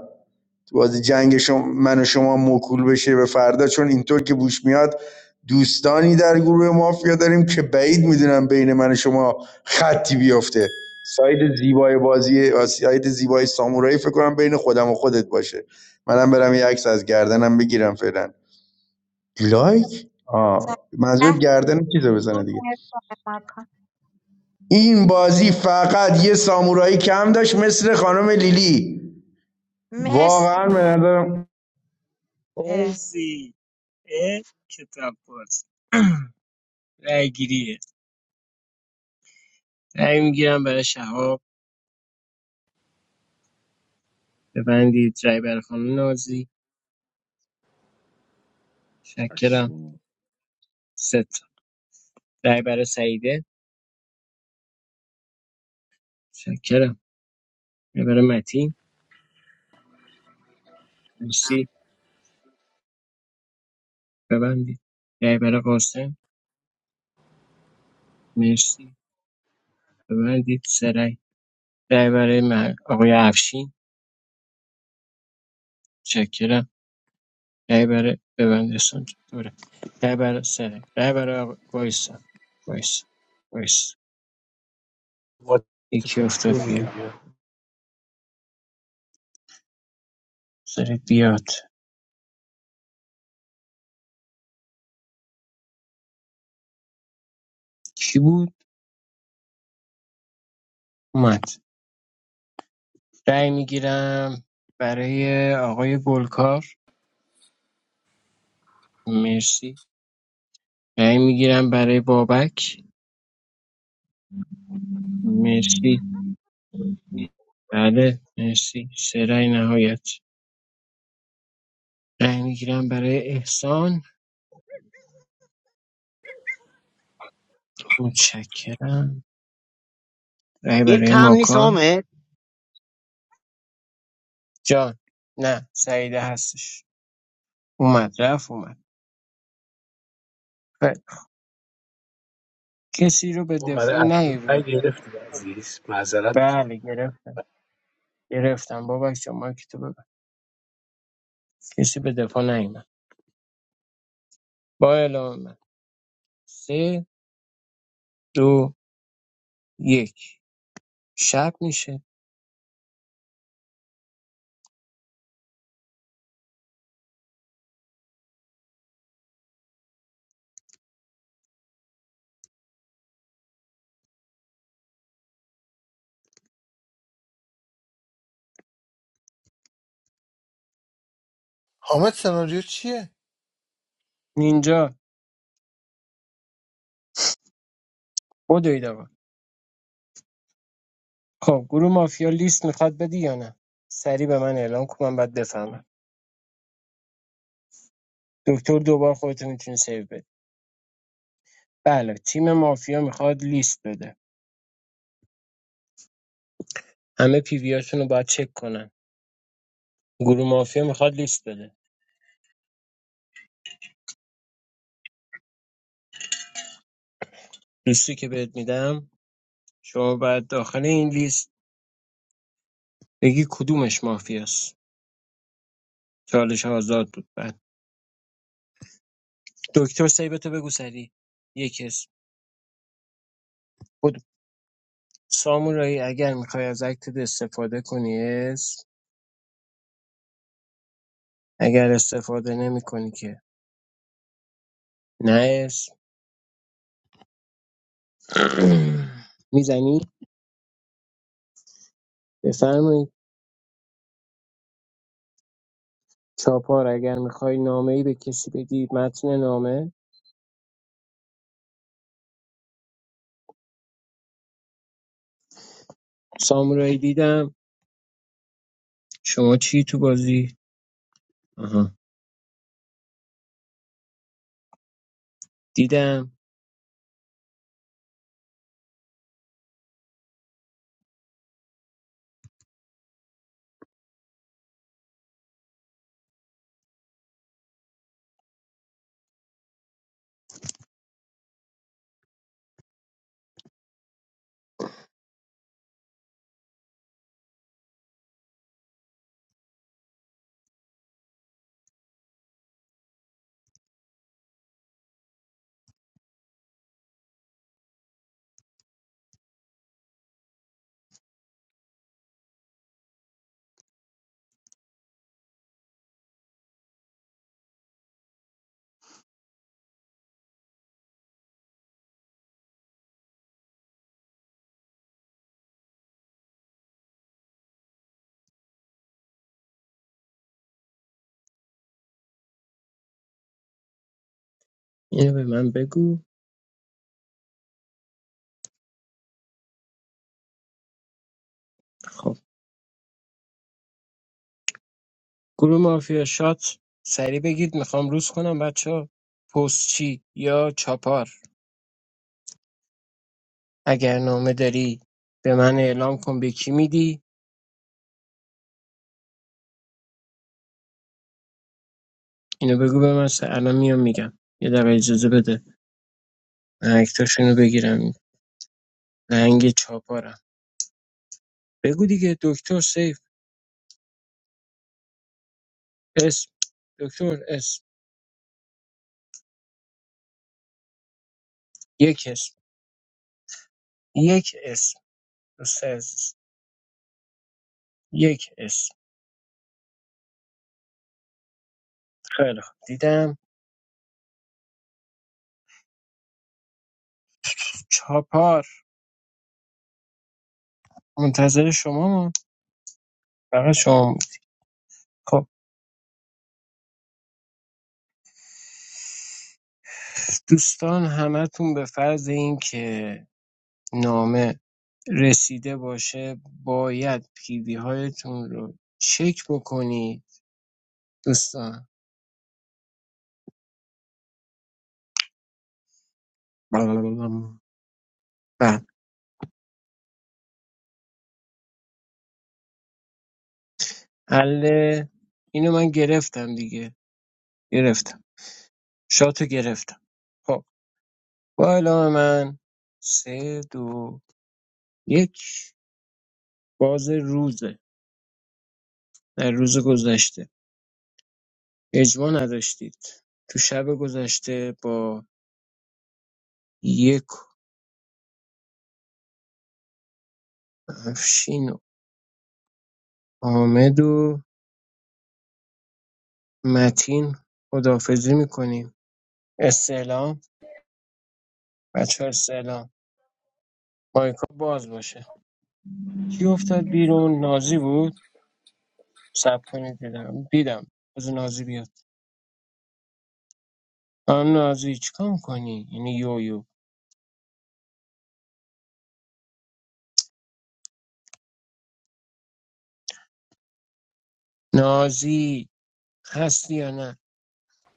S17: بازی جنگ شما من و شما موکول بشه به فردا چون اینطور که بوش میاد دوستانی در گروه مافیا داریم که بعید میدونم بین من و شما خطی بیفته ساید زیبای بازی ساید زیبای سامورایی فکر کنم بین خودم و خودت باشه منم برم یه عکس از گردنم بگیرم فعلا لایک آه منظور
S4: ده
S17: گردن چیزو بزنه
S4: دور
S17: دیگه
S4: از ما کن.
S17: این بازی فقط یه سامورایی کم داشت مثل خانم لیلی
S4: مرسی
S17: واقعا به نظرم
S4: اه،
S8: مرسی اه، کتاب باز رای گیریه رای میگیرم برای شهاب ببندید رای برای خانم نازی شکرم
S7: بگردم
S8: ست رای برای سعیده شکرم رای برای متین مرسی ببندید رای برای قاسم مرسی ببندید سه رای رای برای مه- آقای افشین شکرم رهبر برای استان چطوره رای برای سره رهبر آقا وایسا وایسا وایسا یکی
S12: واتساپ
S8: افتاد
S12: رو
S8: بیرون
S12: میگیری
S8: سره بیاد کی بود اومد رای میگیرم برای آقای گلکار مرسی رای میگیرم برای بابک مرسی بله مرسی سه رأی نهایت رای میگیرم برای احسان متشکرم رای
S16: دیر
S8: برای
S16: کم نیست
S8: ماکان
S16: حامد
S8: جان نه سعیده هستش اومد رفت اومد خیلی خوب. کسی رو به
S12: آقا برای
S8: دفاع
S12: اپلود پای
S8: نیاوردی
S12: گرفتی عزیز معذرت
S8: بله
S12: میخوام
S8: گرفتم گرفتم بابک شما مایک تو ببن کسی به دفاع نیومد با اعلام من سه دو یک شب میشه
S13: حامد سناریو چیه
S8: نینجا بدوید آقا خب گروه مافیا لیست میخواد بدی یا نه سریع به من اعلام کن من باید بفهمم دکتر دوبار خودتو میتونی سیو بده بله تیم مافیا میخواد لیست بده همه پی ویاشون رو باید چک کنن گروه مافیا میخواد لیست بده لیستی که بهت میدم شما باید داخل این لیست بگی کدومش مافیاست چالش آزاد بود بعد دکتر سیبتو بگو سری یک اسم بود سامورایی اگر میخوای از اکتت استفاده کنی اسم اگر استفاده نمیکنی که نه اسم میزنی بفرمایید چاپار اگر میخوای نامه ای به کسی بدی متن نامه سامورایی دیدم شما چی تو بازی آها دیدم اینو به من بگو خب گروه مافیا شات سریع بگید میخوام روز کنم بچه ها. پستچی یا چاپار اگر نامه داری به من اعلام کن به کی میدی اینو بگو به من س- الان میام میگم یه دقیقه اجازه بده من اکتاشونو بگیرم لنگ چاپارم بگو دیگه دکتر سیف اسم دکتر اسم یک اسم یک اسم دوست عزیز یک اسم خیلی خوب دیدم چاپار منتظر شما فقط شما خب دوستان همتون به فرض اینکه نامه رسیده باشه باید پیوی هایتون رو چک بکنی دوستان بله حله اینو من گرفتم دیگه گرفتم شاتو گرفتم خب با اعلام من سه دو یک باز روزه در روز گذشته اجماع نداشتید تو شب گذشته با یک و افشین حامد و متین خداحافظی میکنیم استعلام بچه ها، استعلام مایکا باز باشه کی افتاد بیرون نازی بود سب کنید دیدم دیدم از نازی بیاد آن نازی چیکار میکنی یعنی یو یو نازی هستی یا نه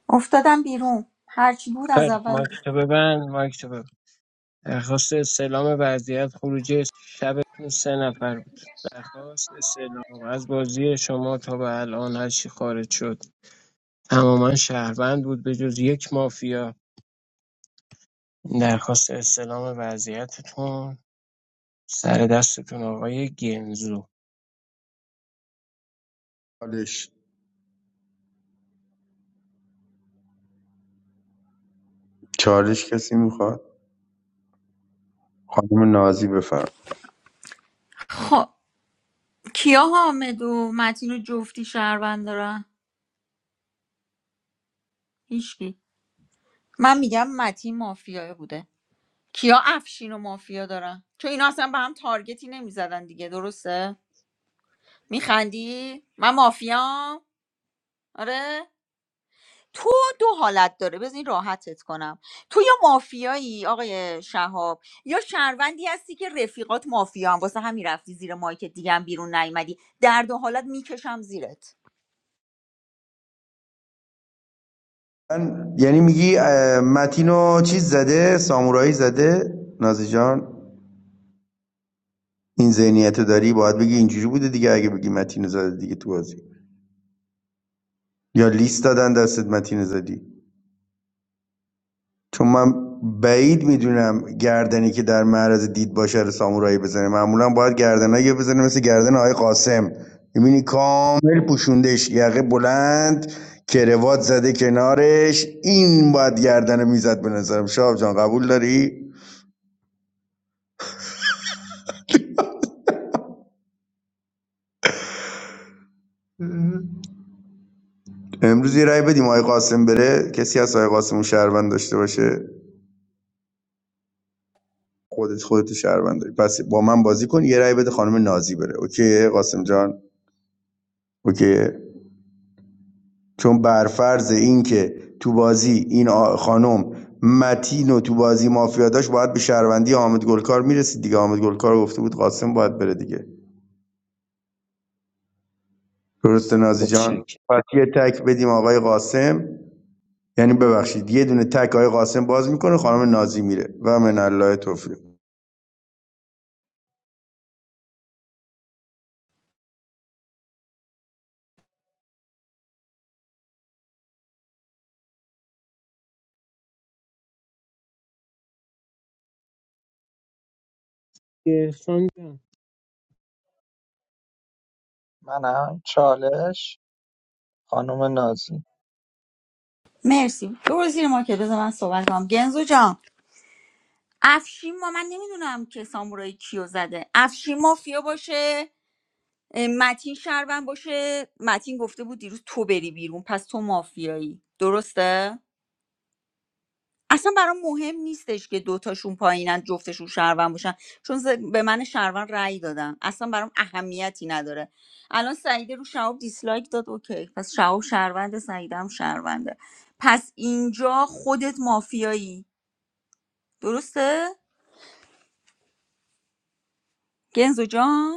S3: افتادم بیرون هرچی بود از
S8: خیلی خب
S3: اول
S8: مایک
S3: بود.
S8: تو ببند مایک تو ببند درخواست استعلام وضعیت خروجی شبتون سه نفر بود درخواست استعلام از بازی شما تا به الان هرچی خارج شد تماما شهروند بود به جز یک مافیا درخواست استلام وضعیتتون سر دستتون آقای گنزو
S17: چالش چالش کسی میخواد خانم نازی بفرم
S3: خب کیا حامد و متین و جفتی شهروند دارن هیچکی من میگم متین مافیا بوده کیا افشین و مافیا دارن چون اینا اصلا به هم تارگتی نمیزدن دیگه درسته میخندی من مافیام آره تو دو حالت داره بزنین راحتت کنم تو یا مافیایی آقای شهاب یا شهروندی هستی که رفیقات مافیا هم واسه همین رفتی زیر مایکت دیگه هم بیرون نیومدی در دو حالت میکشم زیرت
S17: من یعنی میگی اه، متینو چیز زده سامورایی زده نازی جان این ذهنیت داری باید بگی اینجوری بوده دیگه اگه بگی متینو زده دیگه تو بازی یا لیست دادن دستت متینو زدی چون من بعید می‌دونم گردنی که در معرض دید باشه رو سامورایی بزنه معمولا باید گردنایی بزنه مثل گردن آقای قاسم می‌بینی کامل پوشوندش یقه بلند کروات زده کنارش این باید گردن میزد به نظرم شاب جان قبول داری امروز یه رای بدیم آقای قاسم بره کسی از آقای قاسم رو شهروند داشته باشه خودت خودت رو شهروند داری پس با من بازی کن یه رای بده خانم نازی بره اوکی قاسم جان اوکی چون بر فرض این که تو بازی این خانم متین و تو بازی مافیا داشت باید به شهروندی حامد گلکار میرسید دیگه حامد گلکار گفته بود قاسم باید بره دیگه درسته نازی جان
S8: متشکرم
S17: پس یه تک بدیم آقای قاسم یعنی ببخشید یه دونه تک آقای قاسم باز میکنه خانم نازی میره و من الله توفیق
S8: احسان جان
S9: منم چالش خانم نازی
S3: مرسی برو زیر مایکت بذار من صحبت کنم گنزو جان افشین ما من نمیدونم که سامورایی کیو زده افشین مافیا باشه اه، متین شهروند باشه متین گفته بود دیروز تو بری بیرون پس تو مافیایی درسته اصلا برام مهم نیستش که دوتاشون پایینن جفتشون شهروند باشن چون ز- به من شهروند رأی دادن اصلا برام اهمیتی نداره الان سعیده رو شهاب دیسلایک داد اوکی پس شهاب شهرونده سعیده هم شهرونده پس اینجا خودت مافیایی درسته گنزو جان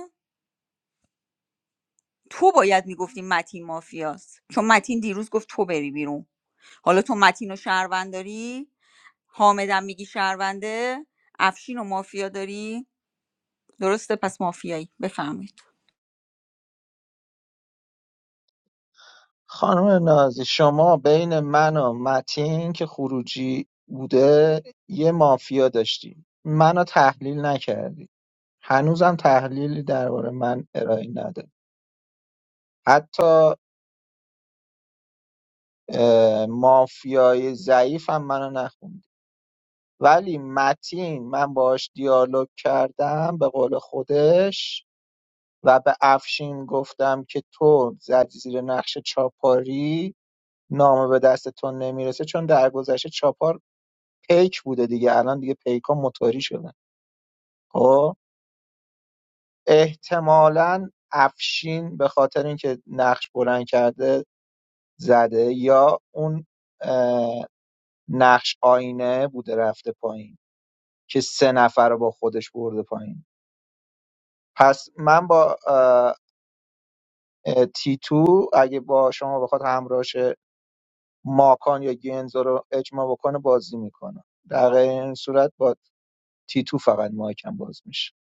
S3: تو باید میگفتی متین مافیاست چون متین دیروز گفت تو بری بیرون حالا تو متین و شهروند داری حامدم میگی شهرونده افشین و مافیا داری درسته پس مافیایی بفهمید
S9: خانم نازی شما بین من و متین که خروجی بوده یه مافیا داشتی منو تحلیل نکردی هنوزم تحلیلی درباره من ارائه نده حتی اه، مافیای ضعیفم منو نخوند ولی متین من باش دیالوگ کردم به قول خودش و به افشین گفتم که تو زدی زیر نقش چاپاری نامه به دستتون نمیرسه چون در گذشته چاپار پیک بوده دیگه الان دیگه پیک ها موتوری شدن خب احتمالاً افشین به خاطر اینکه نقش بلند کرده زده یا اون اه، نقش آینه بوده رفته پایین که سه نفر رو با خودش برده پایین پس من با اه، اه، تیتو اگه با شما بخواد همراهش ماکان یا گنزو رو اجماع بکنه بازی میکنه در غیر این صورت با تیتو فقط مایکم باز میشه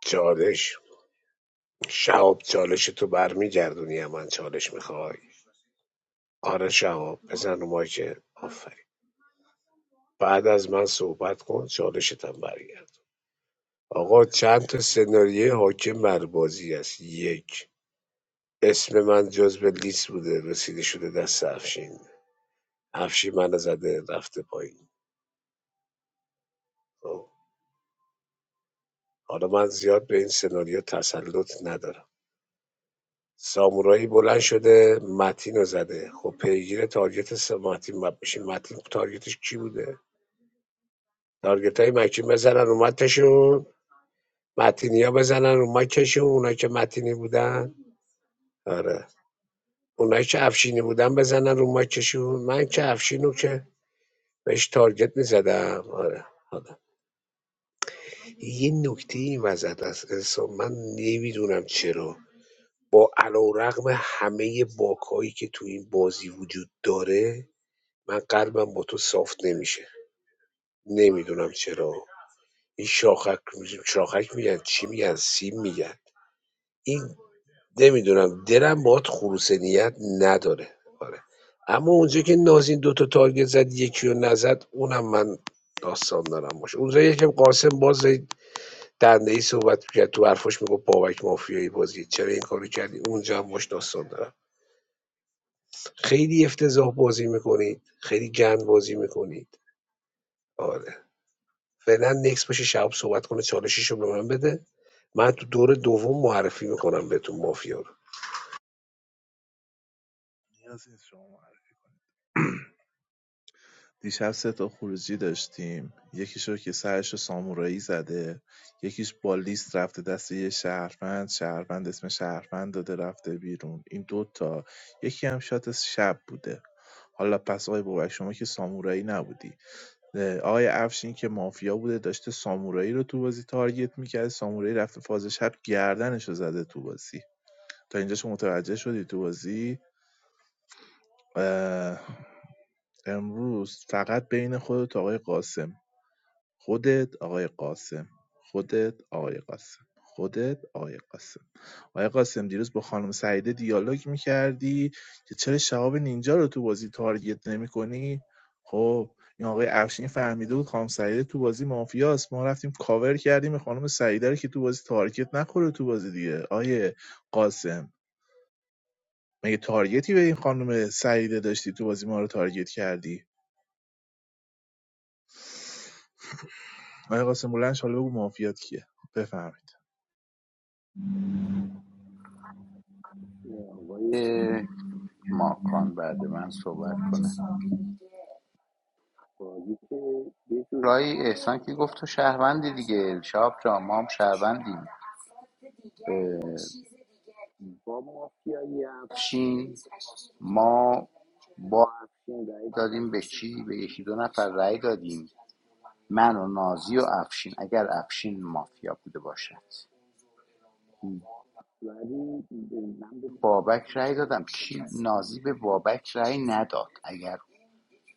S12: چالش شهاب چالش تو برمیگردونی من چالش میخوای آره شهاب بزن رو مایکه آفرین بعد از من صحبت کن چالشتم برگرد آقا چند تا سناریه حاکم بر بازی است یک اسم من جز به لیست بوده رسیده شده دست افشین افشین منو زده رفته پایین خب. حالا من زیاد به این سناریو تسلط ندارم سامورایی بلند شده متین رو زده خب پیگیر تارگت س- متین باید بشی. متین تارگتش کی بوده تارگت های مکی بزنن رو متشون متینیا بزنن رو مکشون اونایی که متینی بودن آره اونایی که افشینی بودن بزنن رو مکشون من که افشینو که بهش تارگت میزدم آره آره. یه نکته این وسط از انسان من نمیدونم چرا با علیرغم همه باکایی که تو این بازی وجود داره من قلبم با تو صاف نمیشه نمیدونم چرا این شاخک شاخک میگن چی میگن سیم میگن این نمیدونم دلم باهات خروس نیت نداره آره اما اونجا که نازین دوتا تارگت زد یکی رو نزد اونم من داستان دارم باشه اونجا یکم قاسم باز دنده ای صحبت میکرد تو حرفاش میگفت بابک مافیایی بازی چرا این کارو کردی اونجا هم مش داستان دارم خیلی افتضاح بازی میکنید خیلی گند بازی میکنید آره فعلا نکس باشه شب صحبت کنه چالشیشو به من بده من تو دور دوم معرفی میکنم بهتون مافیا رو
S2: نیازی نیست شما معرف. دیشب سه تا خروجی داشتیم یکیش رو که سرش سامورایی زده یکیش با لیست رفته دست یه شهروند شهروند اسم شهروند داده رفته بیرون این دوتا یکی هم شات شب بوده حالا پس آقای بابک شما که سامورایی نبودی آقای افشین که مافیا بوده داشته سامورایی رو تو بازی تارگت میکرد سامورایی رفته فاز شب گردنش رو زده تو بازی تا اینجا شما متوجه شدی تو بازی امروز فقط بین خودت و آقای قاسم خودت آقای قاسم خودت آقای قاسم خودت آقای قاسم آقای قاسم دیروز با خانم سعیده دیالوگ میکردی که چرا شهاب نینجا رو تو بازی تارگت نمیکنی خب این آقای افشین فهمیده بود خانم سعیده تو بازی مافیاست ما رفتیم کاور کردیم به خانم سعیده رو که تو بازی تارگت نخوره تو بازی دیگه آقای قاسم مگه تارگتی به این خانم سعیده داشتی تو بازی ما رو تارگت کردی آقای قاسم بلند شو، حالا بگو مافیات کیه بفهمید
S5: که ماکان بعد من صحبت کنه جورایی احسان که گفت تو شهروندی دیگه شاب جا ما هم شهروندیم افشین ما با رای دادیم به چی به یکی دو نفر رای دادیم من و نازی و افشین اگر افشین مافیا بوده باشد بابک رای دادم کی نازی به بابک رای نداد اگر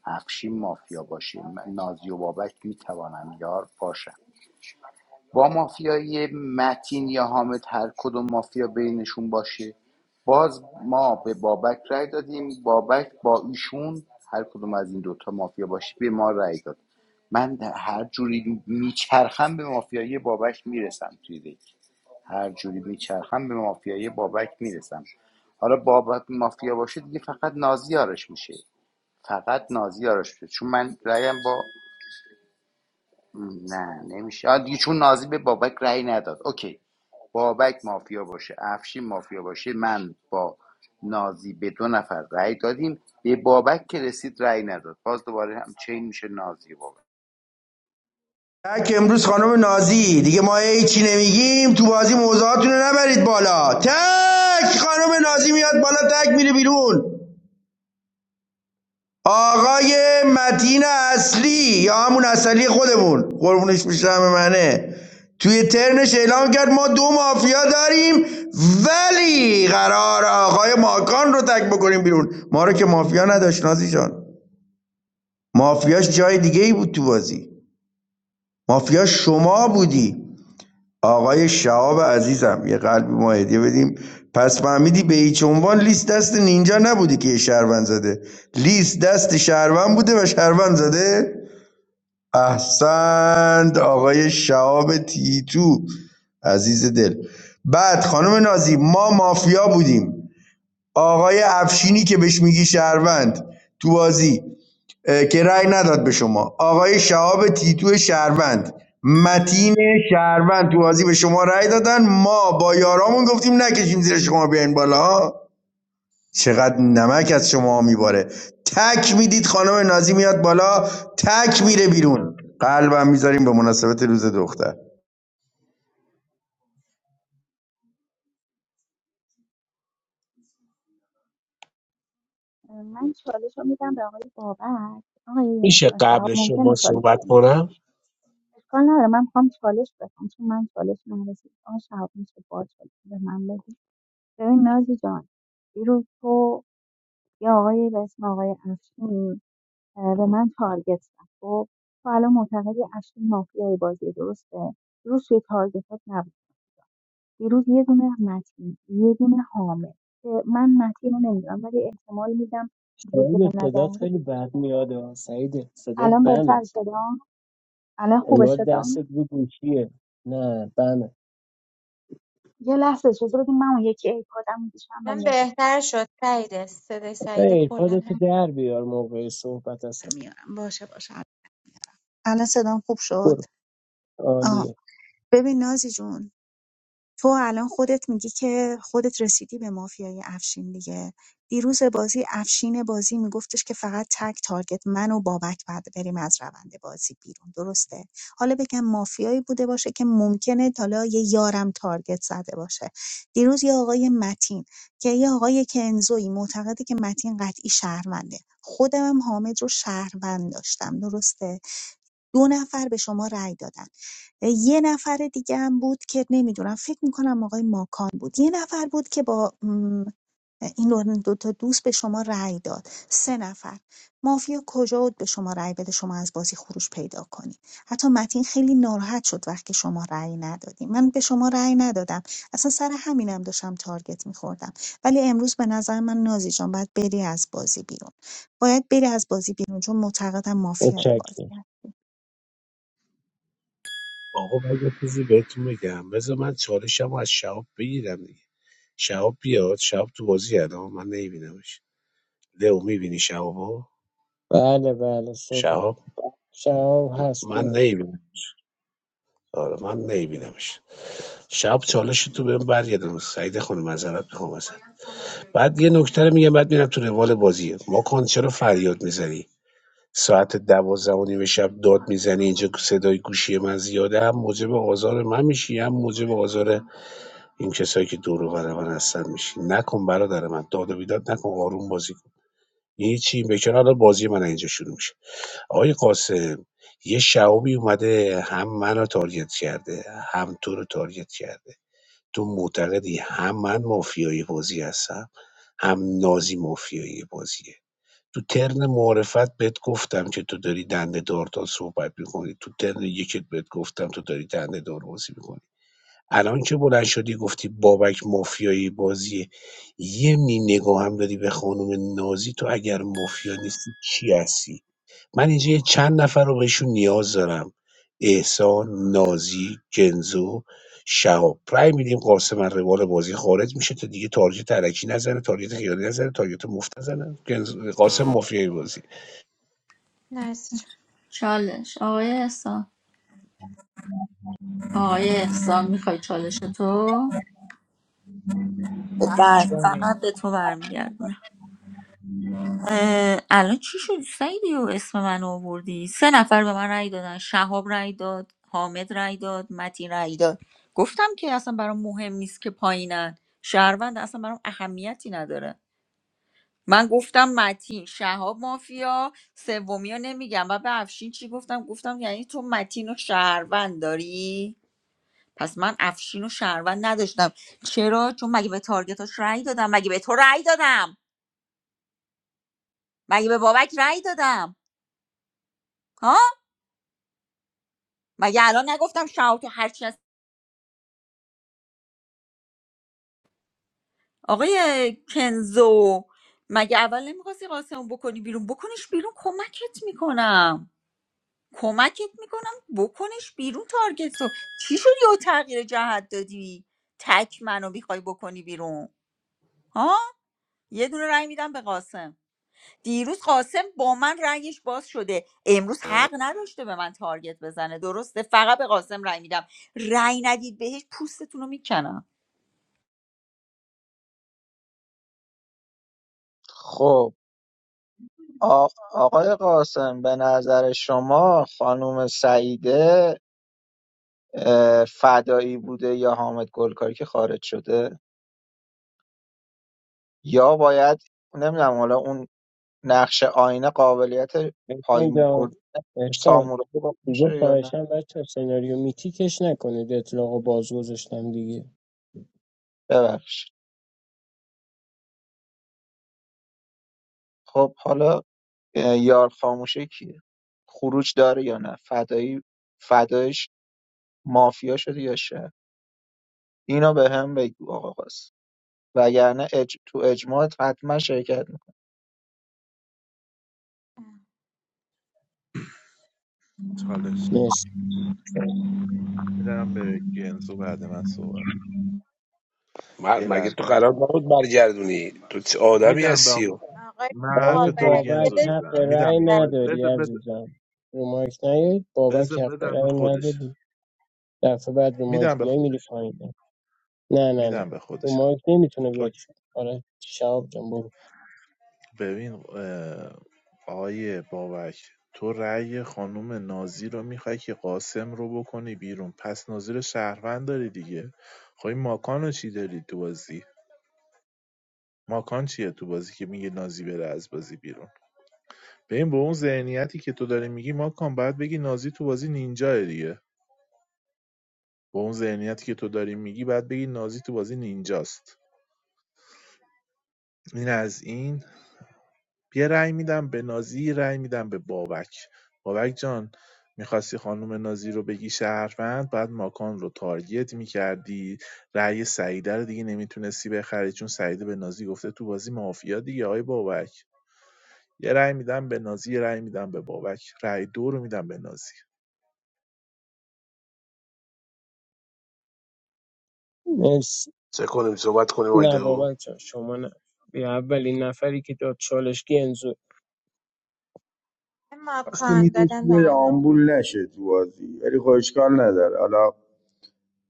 S5: افشین مافیا باشه م- نازی و بابک میتوانند یار باشند با مافیای متین یا حامد هر کدوم مافیا بینشون باشه باز ما به بابک رأی دادیم بابک با ایشون هر کدوم از این دوتا مافیا باشه به ما رأی داد من هر جوری میچرخم به مافیای بابک میرسم توی دیگ. هر جوری میچرخم به مافیای بابک میرسم حالا بابک مافیا باشه دیگه فقط نازی یارش میشه فقط نازی یارش بوده چون من رایم با نه نمیشه دیگه چون نازی به بابک رأی نداد اوکی بابک مافیا باشه افشین مافیا باشه من با نازی به دو نفر رأی دادیم به بابک که رسید رأی نداد باز دوباره هم چین میشه نازی و بابک
S17: تک امروز خانم نازی دیگه ما هیچی نمیگیم تو بازی موضوعاتونو نبرید بالا تک خانم نازی میاد بالا تک میره بیرون آقای متین اصلی یا همون اصلی خودمون قربونش میشم منه توی ترنش اعلام کرد ما دو مافیا داریم ولی قرار آقای ماکان رو تک بکنیم بیرون ما رو که مافیا نداشت نازیشان مافیاش جای دیگه ای بود تو بازی مافیا شما بودی آقای شهاب عزیزم یه قلبی ما هدیه بدیم پس فهمیدی به هیچ عنوان لیست دست نینجا نبودی که یه شهروند زده لیست دست شهروند بوده و شهروند زده احسنت آقای شهاب تیتو عزیز دل بعد خانم نازی ما مافیا بودیم آقای افشینی که بهش میگی شهروند تو بازی که رأی نداد به شما آقای شهاب تیتو شهروند متین شهروند تو بازی به شما رأی دادن ما با یارامون گفتیم نکشیم زیر شما بیاین بالا چقدر نمک از شماها میباره تک میدید خانم نازی میاد بالا تک میره بیرون قلبم میذاریم به مناسبت روز دختر
S11: من چالش رو میدم به آقای بابک آقای
S12: میشه
S11: شهاب
S12: قبل
S11: ممکنه
S12: شما
S11: چالش
S12: صحبت
S11: کنم
S12: کنم
S11: اشکال نداره من میخوام چالش بکنم چون من چالش نرسید آقای شهاب میشه با چالش به من بدی ببین نازی جان دیروز تو یا آقای به اسم آقای افشین اه، به من تارگت زد خب تو الان معتقدی اشکی مافیای بازی درسته دیروز توی تارگتات نبود دیروز یه دونه متین یه دونه حامد که من متین رو نمیدونم ولی احتمال میدم دیروز که به
S8: سعید
S11: نظر
S8: صدات
S11: میاد
S8: خیلی بد میاد آه. سعید صدات
S11: الان بهتر
S8: بمه
S11: شده ها؟ الان خوبه
S8: انگار
S11: شده ها؟
S8: دستت رو گوشیه نه بمه
S11: یه لحظه اجازه بدیم من اون یکی ایپادم میشم
S4: الان
S11: بندازم
S4: بهتر شد سعیده صدای سعیده کلا
S8: ایرپاد تو
S4: هم
S8: در بیار موقع صحبت اصلا
S11: میارم باشه باشه الان صدام خوب شد
S8: برو
S11: آها
S8: عالیه
S11: ببین نازی جون تو الان خودت میگی که خودت رسیدی به مافیای افشین دیگه دیروز بازی افشین بازی میگفتش که فقط تک تارگت من و بابک بعد بریم از روند بازی بیرون درسته حالا بگم مافیایی بوده باشه که ممکنه حالا یه یارم تارگت زده باشه دیروز یه آقای متین که یه آقای کنزوی معتقده که متین قطعی شهرونده خودم هم حامد رو شهروند داشتم درسته دو نفر به شما رأی دادن یه نفر دیگه هم بود که نمیدونم فکر میکنم آقای ماکان بود یه نفر بود که با م، این دو دو تا دوست به شما رأی داد سه نفر مافیا کجا بود به شما رأی بده شما از بازی خروج پیدا کنید حتی متین خیلی ناراحت شد وقتی شما رأی ندادیم من به شما رأی ندادم اصلا سر همینم داشتم تارگت میخوردم ولی امروز به نظر من نازی جان باید بری از بازی بیرون باید بری از بازی بیرون چون معتقدم مافیای
S8: متشکرم
S11: بازی
S12: آقا من یه چیزی بهتون بگم بذار من چالشم رو از شهاب بگیرم دیگه شهاب بیاد شهاب تو بازی الان من نمیبینمش لو میبینی شهابو
S8: بله بله صحبت
S12: شهاب
S8: شهاب هست برو
S12: من آره من نمیبینمش شب چالش تو بهم برگردم سعید خانم معذرت میخوام ازت بعد یه نکته رو میگم بعد میرم تو روال بازی ما کن چرا فریاد میزنی ساعت دوازده و نیم شب داد میزنی اینجا صدای گوشی من زیاده هم موجب آزار من میشی هم موجب آزار این کسایی که دور و بر من هستن میشی نکن برادر من داد و بیداد نکن آروم بازی کن هیچی به کنار بازی من اینجا شروع میشه آقای قاسم یه شعبی اومده هم منو تارگت کرده هم تو رو تارگت کرده تو معتقدی هم من مافیای بازی هستم هم نازی مافیای بازیه تو ترن معرفت بهت گفتم که تو داری دنده دارتان صحبت میکنی تو ترن یکت بهت گفتم تو داری دنده دار بازی میکنی الان که بلند شدی گفتی بابک مافیایی بازیه یه می نگاه هم داری به خانم نازی تو اگر مافیا نیستی چی هستی من اینجا یه چند نفر رو بهشون نیاز دارم احسان نازی گنزو شهاب رأی میدیم قاسم از روال بازی خارج میشه تا دیگه تارجت ترکی نزنه تارجت خیالی نزنه تارجت مفت نزنه گنزو- قاسم مافیای بازی
S4: نسج
S3: چالش آقای احسان آقای احسان میخوای چالش تو بعد
S9: پخش کنید
S3: فقط به تو برمیگردم اه، الان چی شد سعیدی و اسم من آوردی سه نفر به من رأی دادن شهاب رأی داد حامد رأی داد متین رأی داد گفتم که اصلا برام مهم نیست که پایینن شهروند اصلا برام اهمیتی نداره من گفتم متین شهاب مافیا سومی ها نمیگم و به افشین چی گفتم گفتم یعنی تو متین و شهروند داری پس من افشین و شهروند نداشتم چرا چون مگه به تارگتاش رأی دادم مگه به تو رأی دادم مگه به بابک رأی دادم مگه الان نگفتم شاو تو هرچی هست آقای کنزو مگه اول نمیخواستی قاسمو بکنی بیرون بکنش بیرون کمکت میکنم کمکت میکنم بکنش بیرون تارگت تو چی شدی و تغییر جهت دادی تک منو میخوای بکنی بیرون ها یه دونه رأی میدم به قاسم دیروز قاسم با من رأیش باز شده امروز حق نداشته به من تارگت بزنه درسته فقط به قاسم رأی میدم رأی ندید بهش پوستتون رو میکنم
S9: خب آ- آقای قاسم به نظر شما خانم سعیده اه، فدایی بوده یا حامد گلکاری که خارج شده یا باید نمیدونم حالا اون نقش آینه قابلیت
S8: احسان
S9: پایین
S8: جان
S9: برد
S8: احسان
S9: تامور رو
S8: دیگه
S9: میشه یا نه
S8: خواهشم بچه سناریو میتیکش نکنید اطلاق و باز گذاشتم دیگه
S9: ببخشید خب حالا اه، یار خاموشه کیه خروج داره یا نه فدایی فدایش مافیا شده یا شه اینو به هم بگو آقا قاسم وگرنه اج... تو اجماعت حتما شرکت میکنم
S2: چالش
S8: مرسی
S2: میدم به گنزو بعد من صحبت
S12: م-
S2: یه
S12: مگه تو
S2: لحظه
S12: قرار نبود برگردونی تو چه آدمی
S2: میدم به
S12: هستی
S2: آقا-
S12: و
S4: آقای
S2: من حرف
S8: برای
S2: تو رو
S4: بابک
S2: گنزو
S8: بابک
S4: دلش
S8: حق
S2: میزنم
S4: نمی‌خواد
S2: میدم
S8: رأی
S2: به آقای
S8: نداری
S2: بده
S4: برگردم.
S2: بده
S8: عزیزم رو مایک نیایید
S2: بذار
S8: بابک حق
S2: بدم به
S8: رأی
S2: خودش
S8: نداری دفعه بعد رو مایک
S2: میدم به
S8: بیای میری
S2: خودش
S8: پایین نه نه نه
S2: میدم به
S8: رو
S2: خودش
S8: مایک نمیتونه بیاد
S2: اوکی.
S8: آره شهاب جان برو
S2: ببین اه، آقای بابک تو رأی خانم نازی رو میخوای که قاسم رو بکنی بیرون پس نازی رو شهروند داری دیگه خب این ماکان رو چی داری تو بازی ماکان چیه تو بازی که میگه نازی بره از بازی بیرون ببین با اون ذهنیتی که تو داری میگی ماکان باید بگی نازی تو بازی نینجاه دیگه با اون ذهنیتی که تو داری میگی باید بگی نازی تو بازی نینجاست این از این بیا رأی میدم به نازی رأی میدم به بابک بابک جان میخواستی خانم نازی رو بگی شهروند بعد ماکان رو تارگت میکردی رأی سعیده رو دیگه نمیتونستی بخری چون سعیده به نازی گفته تو بازی مافیا دیگه آقای بابک یه رأی میدم به نازی یه رأی میدم به بابک رأی دو رو میدم به نازی
S8: مرسی
S12: چه کنیم صحبت کنیم آیده
S8: نه
S12: او
S8: بابک جان شما نه بیا اولین نفری که داد چالشگی انزو
S17: کاش که
S4: ماکان
S17: میدونست
S4: دادن به
S17: که
S4: آقای ماکان
S17: آمبول نشه تو بازی ولی خب اشکال نداره حالا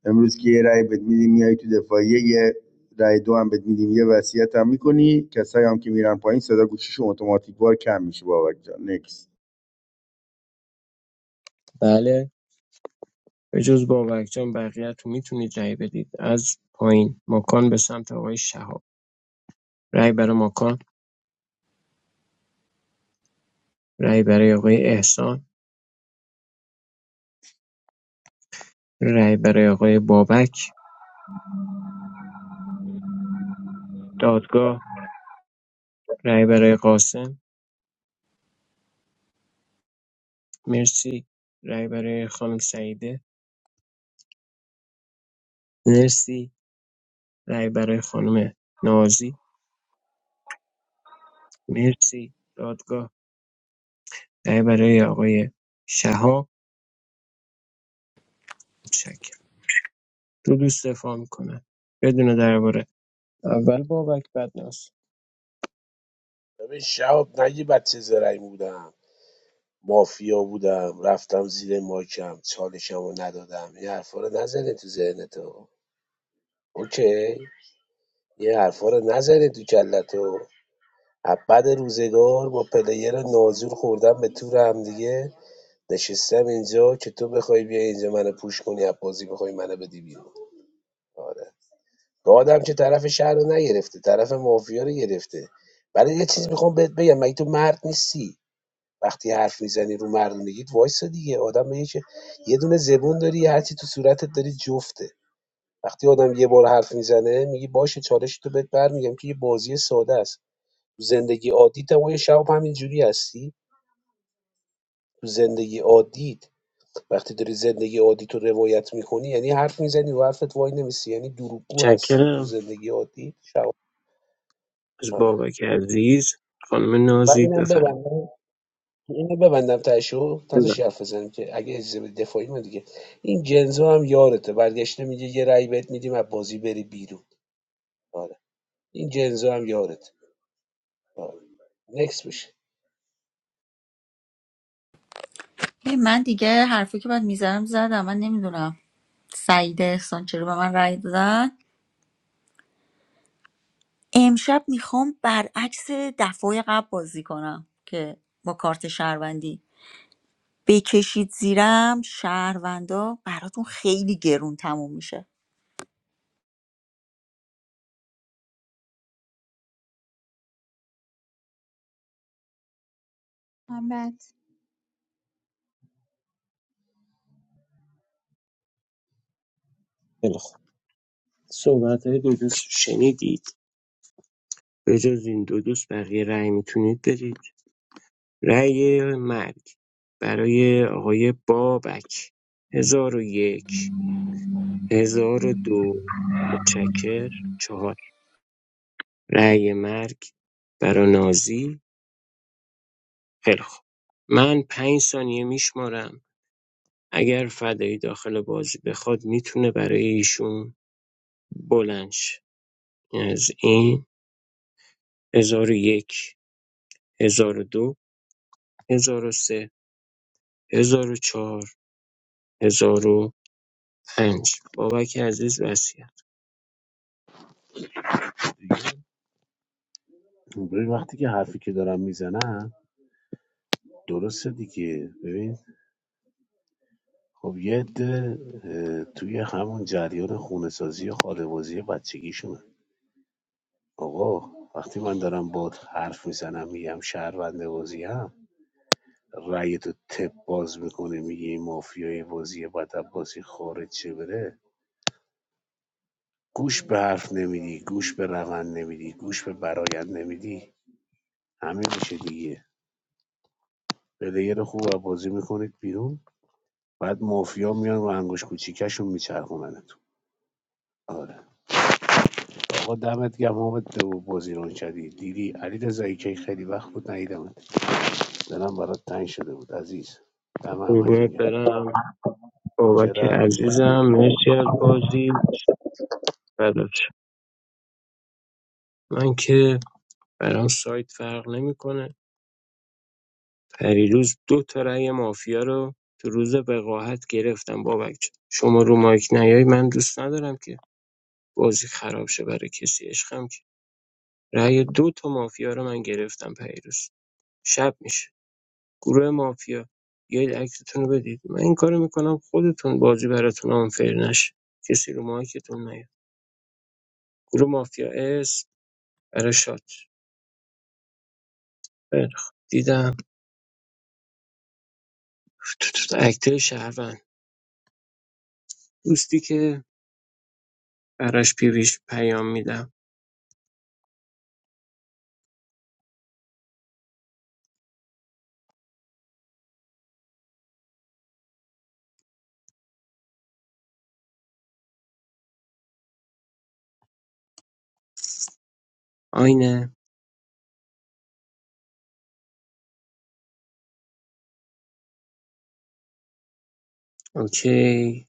S17: امروز که یه رأی بد میدیم میای تو دفاعیه یه رأی دو هم بد میدیم یه وصیت هم میکنی کسایی هم که میرن پایین صدا گوشیشون اتوماتیک وار کم میشه بابک جان
S8: بله به جز بابک جان بقیه تو میتونید رأی بدید از پایین مکان به سمت آقای شهاب رای برای ماکان، رای برای آقای احسان، رای برای آقای بابک، دادگاه، رای برای قاسم، مرسی، رای برای خانم سعیده، مرسی، رای برای خانم نازی، مرسی، دادگاه، رای برای آقای شهاب، متشکرم. دو دوست دفاع میکنن بدون درباره اول بابک بعد ناز
S12: ببین شهاب نگی بچه زرنگ بودم مافیا بودم رفتم زیر ماکم چالشم رو ندادم این حرفا رو نزنه تو ذهنتو اوکی یه حرفا رو نزنید تو کلتو بعد روزگار با پلیر نازور خوردن به تور هم دیگه نشستم اینجا که تو بخوای بیا اینجا منو پوش کنی از بازی بخوای منو بدی بیرون آره گادم که طرف شهر رو نگرفته طرف مافیا رو گرفته ولی یه چیزی میخوام بهت بگم مگه تو مرد نیستی وقتی حرف میزنی رو مردونگیت وایسا دیگه آدم میگه که یه دونه زبون داری هرچی تو صورتت داری جفته وقتی آدم یه بار حرف میزنه میگی باشه چالش تو بهت برمیگم که یه بازی ساده است تو زندگی عادیت هم یه شب همینجوری هستی تو زندگی عادیت وقتی داری زندگی عادیت رو روایت میکنی یعنی حرف میزنی و حرفت وای نمیسی یعنی دروغگو هستی تو
S8: متشکرم
S12: زندگی عادی شب
S8: از
S12: آره.
S8: بابک عزیز خانم
S12: و
S8: نازی
S12: اینم
S8: بفرمایید
S12: ببندم اینو ببندم تاشو
S8: بله.
S12: تازه حرف بزنیم که اگه اجازه بدی دفاعی ما دیگه این جنزو هم یارته برگشته میگه یه رأی بهت میدیم از بازی بری بیرون آره این جنزو هم یارته آره. نکس بشه
S3: ببین، من دیگه حرفی که باید میزنم زدم من نمیدونم سعید احسان چرا به من رأی دادن امشب میخوام برعکس دفعه قبل بازی کنم که با کارت شهروندی بکشید زیرم شهروندا براتون خیلی گرون تموم میشه
S4: حامد
S8: خیلی خوب. صحبت های دو دوست شنیدی. به‌جز این دو دوست بقیه رأی میتونید بدید رأی مرگ برای آقای بابک هزار و یک هزار و دو متشکر چهار رأی مرگ برای نازی خیلی خوب من پنج ثانیه میشمارم اگر فدایی داخل بازی بخواد میتونه برای ایشون بلنش از این هزار و یک هزار و دو هزار و سه هزار و چهار هزار پنج بابک عزیز وصیت
S12: ببین وقتی که حرفی که دارم میزنم درسته دیگه ببین خب یه عده اه، توی همون جریان خونه سازی و خانوادگی بچگیشونه آقا وقتی من دارم باد حرف میزنم میگم شهرونده بازیم رأی تو تپ باز میکنه میگه این مافیای بازی بعد از بازی خارج چه بره گوش به حرف نمیدی گوش به روند نمیدی گوش به برایند نمیدی همه میشه دیگه پلیر خوب از بازی میکنید بیرون بعد مافیا میان و انگوش کوچیکشون میچرخوننتون آره آقا دمت گم حامد تو بازی رو کردی دیدی علی رضایی که خیلی وقت بود ندیدمت دلم برات تنگ شده بود عزیز دم همتون
S8: قربونت
S12: گم
S8: برم بابک
S12: چرا
S8: عزیزم مرسی از بازی فدات شم. من که برام سایت فرق نمیکنه پریروز دو تا رأی مافیا رو تو روز وقاحت گرفتم بابک جان. شما رو مایک نیای من دوست ندارم که بازی خراب شه برای کسی عشقم که رأی دو تا مافیا رو من گرفتم پریروز شب میشه گروه مافیا بیاید عکستون رو بدید من این کارو میکنم خودتون بازی براتون آنفر نشه کسی رو مایکتون نیاد گروه مافیا اس برای شات خیلی خوب. دیدم تو تو تو اکته شهروند دوستی که براش پیویش پیام میدم آینه اوکی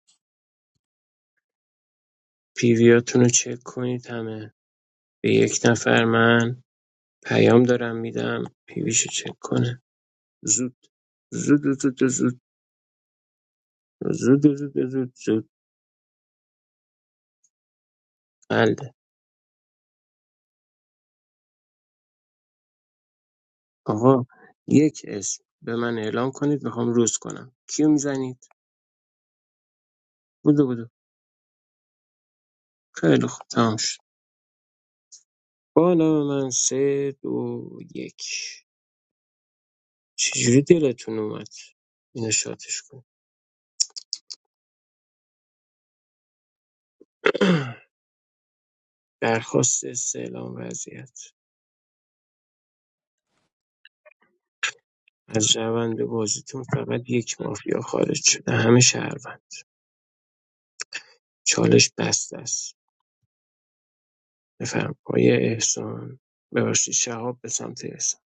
S8: پیویاتون رو چک کنید همه به یک نفر من پیام دارم میدم پیویش رو چک کنه زود زود زود زود زود زود زود زود زود بله آقا یک اسم به من اعلام کنید میخوام روز کنم کیو میزنید بودو بودو خیلی خوب تمام شد بالا من سه دو یک چجوری دلتون اومد اینو شاتش کن درخواست استعلام وضعیت از روند بازیتون فقط یک مافیا خارج شده همه شهروند چالش بسته است بفرم آقای احسان ببخشید شهاب به سمت احسان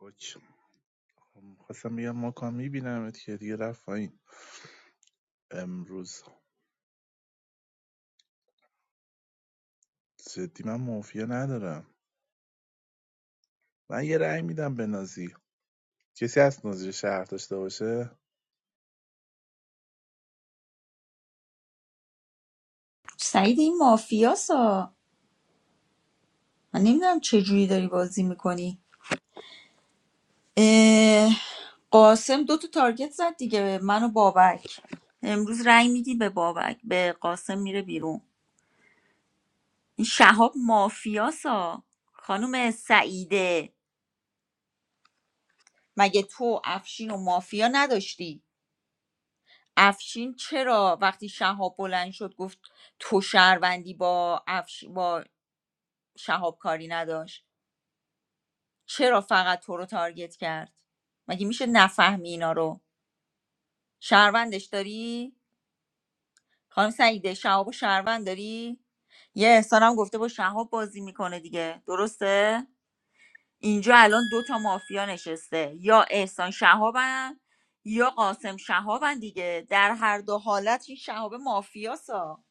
S2: اوکی. خواستم بگم ما کام میبینم که دیگه رفت پایین امروز جدی من مافیا ندارم من یه رأی میدم به نازی کسی از نازی شهر داشته باشه
S3: سعید این مافیاسا من نمیدونم چجوری داری بازی میکنی قاسم دو تا تارگت زد دیگه به من و بابک امروز رأی میدی به بابک به قاسم میره بیرون این شهاب مافیاسا خانم سعیده مگه تو افشین و مافیا نداشتی افشین چرا وقتی شهاب بلند شد گفت تو شهروندی با افش... با شهاب کاری نداشت چرا فقط تو رو تارگت کرد مگه میشه نفهمی اینا رو شهروندش داری خانم سعیده شهاب و شهروند داری یه احسانم گفته با شهاب بازی میکنه دیگه درسته اینجا الان دو تا مافیا نشسته یا احسان شهابن یا قاسم شهابن دیگه در هر دو حالت این شهاب مافیاسا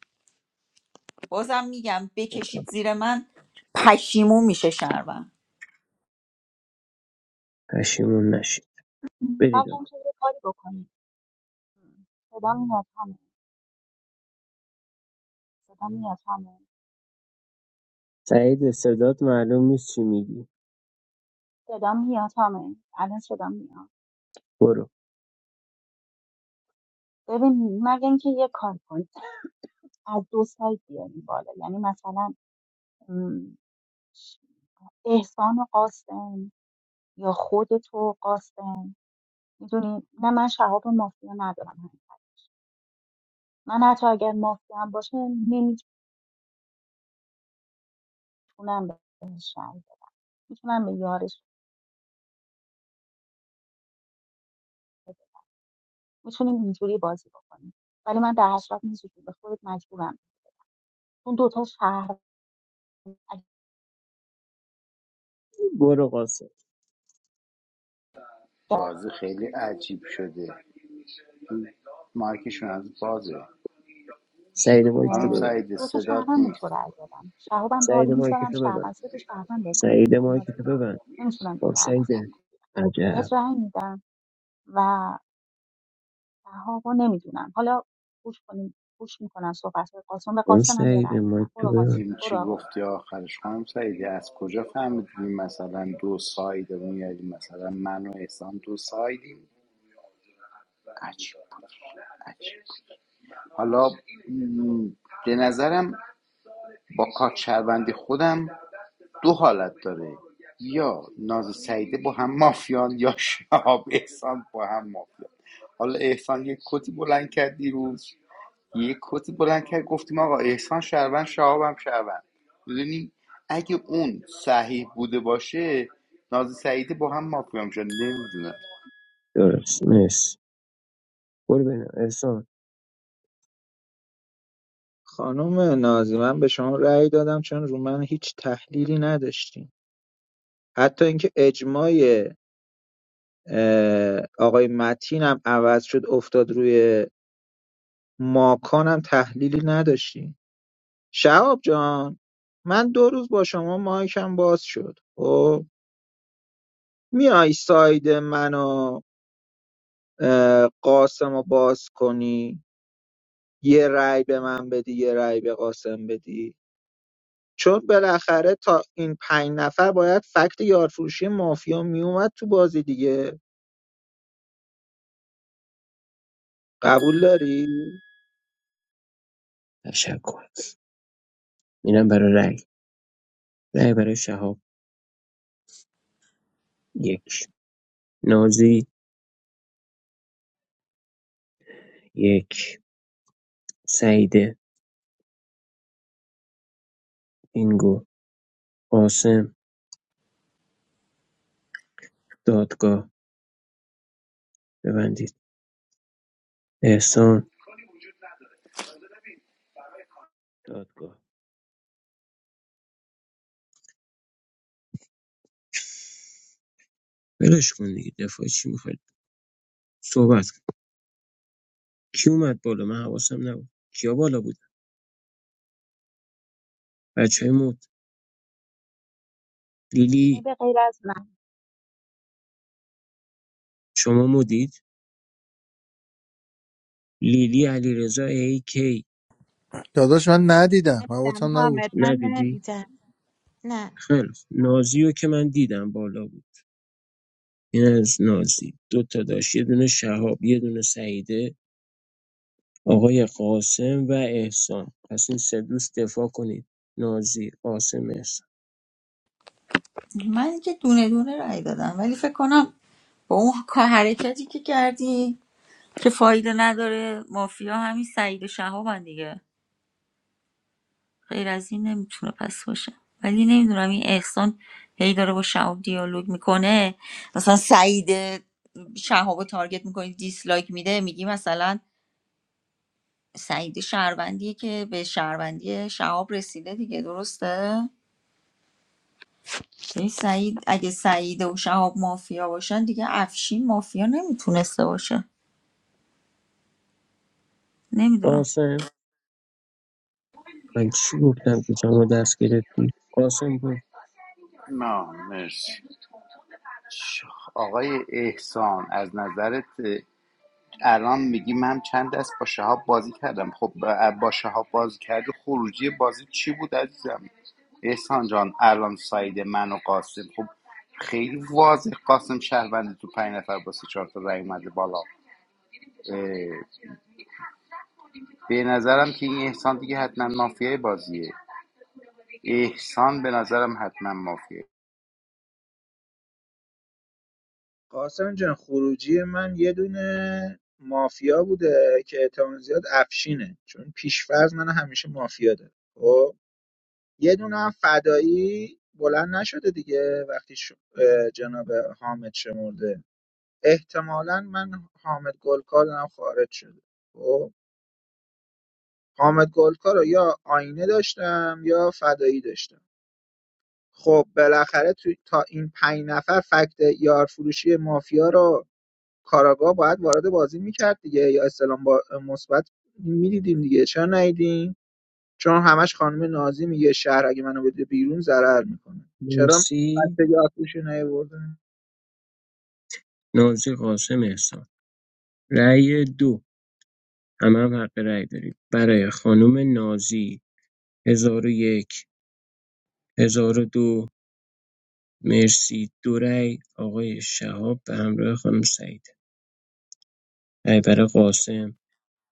S3: بازم میگم
S8: اوکی.
S3: بکشید زیر من پشیمون میشه شهروند
S8: پشیمون نشید برید
S11: بلکم
S8: آقا
S11: که یه کاری بکنیم صدام میاد همه صدام میاد همه
S8: سعید صدات معلوم نیست چی میگی
S11: صدام میاد همه الان صدام میاد
S8: برو
S11: ببین مگه اینکه یه کار کنیم از دو سایت بیاریم بالا یعنی مثلا م، احسان و قاسم یا خود تو قاسم میدونی نه من شهاب مافیا ندارم من حتی اگر مافیا هم باشه نمیتونم بهش رأی بدم میتونم به یارش بدم میتونیم اینجوری بازی بکنیم ولی من در حسرت نیست به خودت مجبورم اون دوتا شهر اگر
S8: برو قاسم
S5: بازی خیلی عجیب شده مارکشون از بازه
S8: سعید مایک تو
S5: خانم
S11: اه،
S8: ببند
S5: سعید
S11: دو تا
S5: صدات
S11: شهروند به
S5: نیست
S11: تو رأی دادم شهابم رو حالی
S8: سعید مایک
S11: میذارم
S8: تو ببند
S11: شهروند سه تا شهروند بهت رأی
S8: سعید
S11: دادم
S8: مایک
S11: نازی
S8: تو ببند
S11: نمیتونم به
S8: اون
S11: در
S8: سعید
S11: نظر نه بهت
S8: عجب
S11: رأی میدم و شهابا نمیدونم حالا گوش کنیم گوش میکنم صحبت قاسم به
S8: اون
S11: قاسم هم یه
S8: سعید
S11: رأی
S8: مایک
S11: میدم برو قاسم
S8: ببند
S5: دیدیم
S11: برو
S5: چی
S11: آقای
S5: گفتی آخرش خانم سعیدی از کجا فهمیدیم مثلا دو سایدمون یعنی مثلا من و احسان دو سایدیم عجیب عجیب حالا م، به نظرم با کارت شهروندی خودم دو حالت داره یا ناز سعیده با هم مافیان یا شهاب احسان با هم مافیان حالا احسان یک کتی بلند کرد دیروز یک کتی بلند کرد گفتیم آقا احسان شهروند شهاب هم شهروند میدونی اگه اون صحیح بوده باشه نازی سعیده با هم مافیا میشن نمیدونم
S8: درست مرسی برو ببینم احسان
S9: خانم نازی من به شما رأی دادم چون رو من هیچ تحلیلی نداشتیم حتی اینکه اجماع اه، آقای متین هم عوض شد افتاد روی ماکان هم تحلیلی نداشتیم شهاب جان من دو روز با شما مایکم باز شد خب میای ساید منو قاسم رو باز کنی یه رأی به من بدی یه رأی به قاسم بدی چون بالاخره تا این پنج نفر باید فکت یارفروشی مافیا میومد تو بازی دیگه قبول داری؟
S8: تشکر میرم برای رای رای برای شهاب یک نازی یک سعید اینگو قاسم دادگاه ببندید احسان دادگاه ولش کن دیگه دفاع چی میخواید صحبت کن کی اومد بالا من حواسم نبود کیا بالا بود بچه های مد
S11: قاسم.
S8: لیلی
S11: به غیر از
S8: شما مدید لیلی علیرضا ای کی
S13: داداش من ندیدم
S4: نمی‌دونم،
S13: حواسم نبود
S4: حامد من
S8: ندیدی
S4: ندیدم نه
S8: خیلی خوب. نازی رو که من دیدم بالا بود این از نازی دو تا داشت یه دونه شهاب یه دونه سعیده آقای قاسم و احسان پس این سه دوست دفاع کنید نازی قاسم احسان
S3: من که دونه دونه رای دادم ولی فکر کنم با اون کار- حرکتی که کردی که فایده نداره مافیا همین سعید و شهابن دیگه غیر از این نمیتونه پس باشه ولی نمیدونم این احسان هی داره با شهاب دیالوگ میکنه مثلا سعید شهاب رو تارگت میکنی دیسلایک میده میگی مثلا سعید شهروندیه که به شهروندی شهاب رسیده دیگه درسته؟ این سعید اگه سعید و شهاب مافیا باشن دیگه افشین مافیا نمیتونسته باشه نمیدونم
S8: قاسم من چی گفتم که شما دست گرفتی قاسم گفت
S5: نه مرسی آقای احسان از نظرت الان میگی من چند دست با شهاب بازی کردم خب با با شهاب بازی کردی خروجی بازی چی بود عزیزم احسان جان الان ساید من و قاسم خب خیلی واضح قاسم شهروند تو پنج نفر با سه چهار تا رای اومده بالا اه، به نظرم که این احسان دیگه حتما مافیای بازیه احسان به نظرم حتما مافیه
S9: قاسم جان خروجی من یه دونه مافیا بوده که احتمال زیاد افشینه چون پیشفرض من همیشه مافیا داره خب یه دونه هم فدایی بلند نشده دیگه وقتی ش... اه، جناب حامد شمرده احتمالا من حامد گلکار هم خارج شده خب حامد گلکار رو یا آینه داشتم یا فدایی داشتم خب بالاخره تو تا این پنج نفر فکت یارفروشی مافیا رو کاراگاه باید وارد بازی میکرد دیگه یا اسلام با مثبت میدیدیم دیگه چرا نیدیم چون همش خانم نازی میگه شهر اگه منو بده بیرون ضرر میکنه چرا
S8: مرسی
S9: فکت یارفروشی نیوردن
S8: نازی قاسم احسان رأی دو همه هم حق رأی داریم برای خانم نازی هزار و یک هزار و دو مرسی دو رأی آقای شهاب به همراه خانم سعید رأی برای قاسم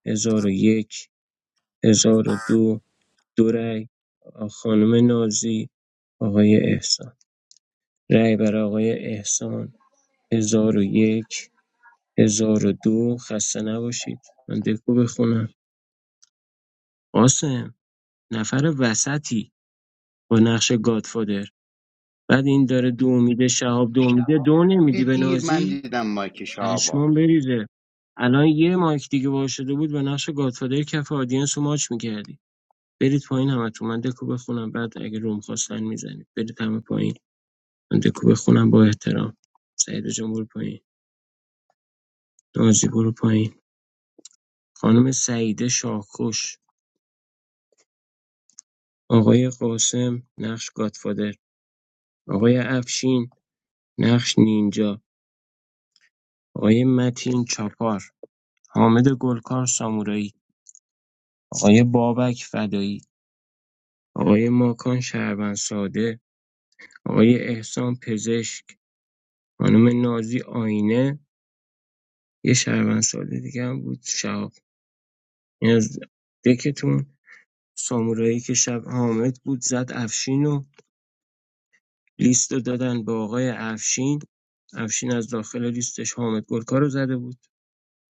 S8: هزار و یک هزار و دو دو رأی خانم نازی آقای احسان رأی برای آقای احسان هزار و یک هزار و دو خسته نباشید من دکو بخونم قاسم نفر وسطی با نقش گادفادر بعد این داره دو میده شهاب دو میده دو نمیدی به
S5: دیر من
S8: نازی
S5: دیدم مایک شهابا
S8: پشمام بریزه الان یه مایک دیگه وا شده بود به نقش گادفادر کف آدینس رو ماچ میکردی برید پایین همه تو من دکو بخونم بعد اگه روم خواستن میزنید برید همه پایین من دکو بخونم با احترام سعید جان برو پایین نازی برو پایین خانم سعیده شاخوش آقای قاسم نقش گادفادر آقای افشین نقش نینجا آقای متین چاپار حامد گلکار سامورایی آقای بابک فدایی آقای ماکان شهروند ساده آقای احسان پزشک خانم نازی آینه یه شهروند ساده دیگه هم بود شهاب این از دکتون سامورایی که شب حامد بود زد افشین و لیست رو دادن به آقای افشین افشین از داخل لیستش حامد گلکار رو زده بود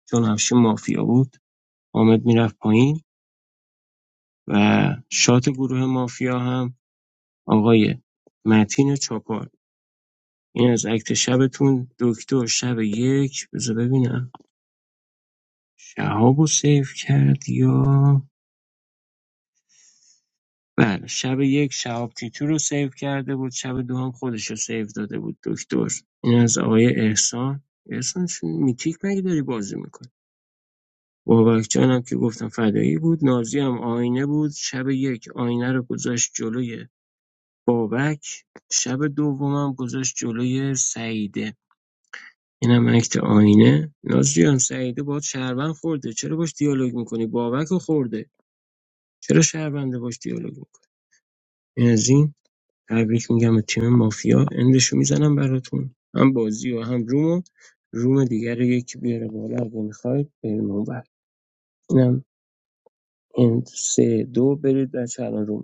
S8: چون همیشه مافیا بود حامد میرفت پایین و شات گروه مافیا هم آقای متین چاپار این از اکت شبتون دکتر شب یک بذار ببینم شهاب رو سیف کرد یا بله شب یک شهاب تیتو رو سیو کرده بود شب دو هم خودش رو سیو داده بود دکتر این از آقای احسان احسان چون میتیک مگه داری بازی میکنی بابک جانم که گفتم فدایی بود نازی هم آینه بود شب یک آینه رو گذاشت جلوی بابک شب دومم گذاشت جلوی سعیده اینم عکت آینه ناز جان سعیده باهات شهروند خورده چرا باش دیالوگ میکنی بابک رو خورده چرا شهرونده باش دیالوگ میکنی این از این تبریک میگم به تیم مافیا اندشو میزنم براتون هم بازی و هم رومو روم دیگر رو یکی بیاره بالا اگه میخواید بریم اونور اینم اند سه دو برید بچه الان روم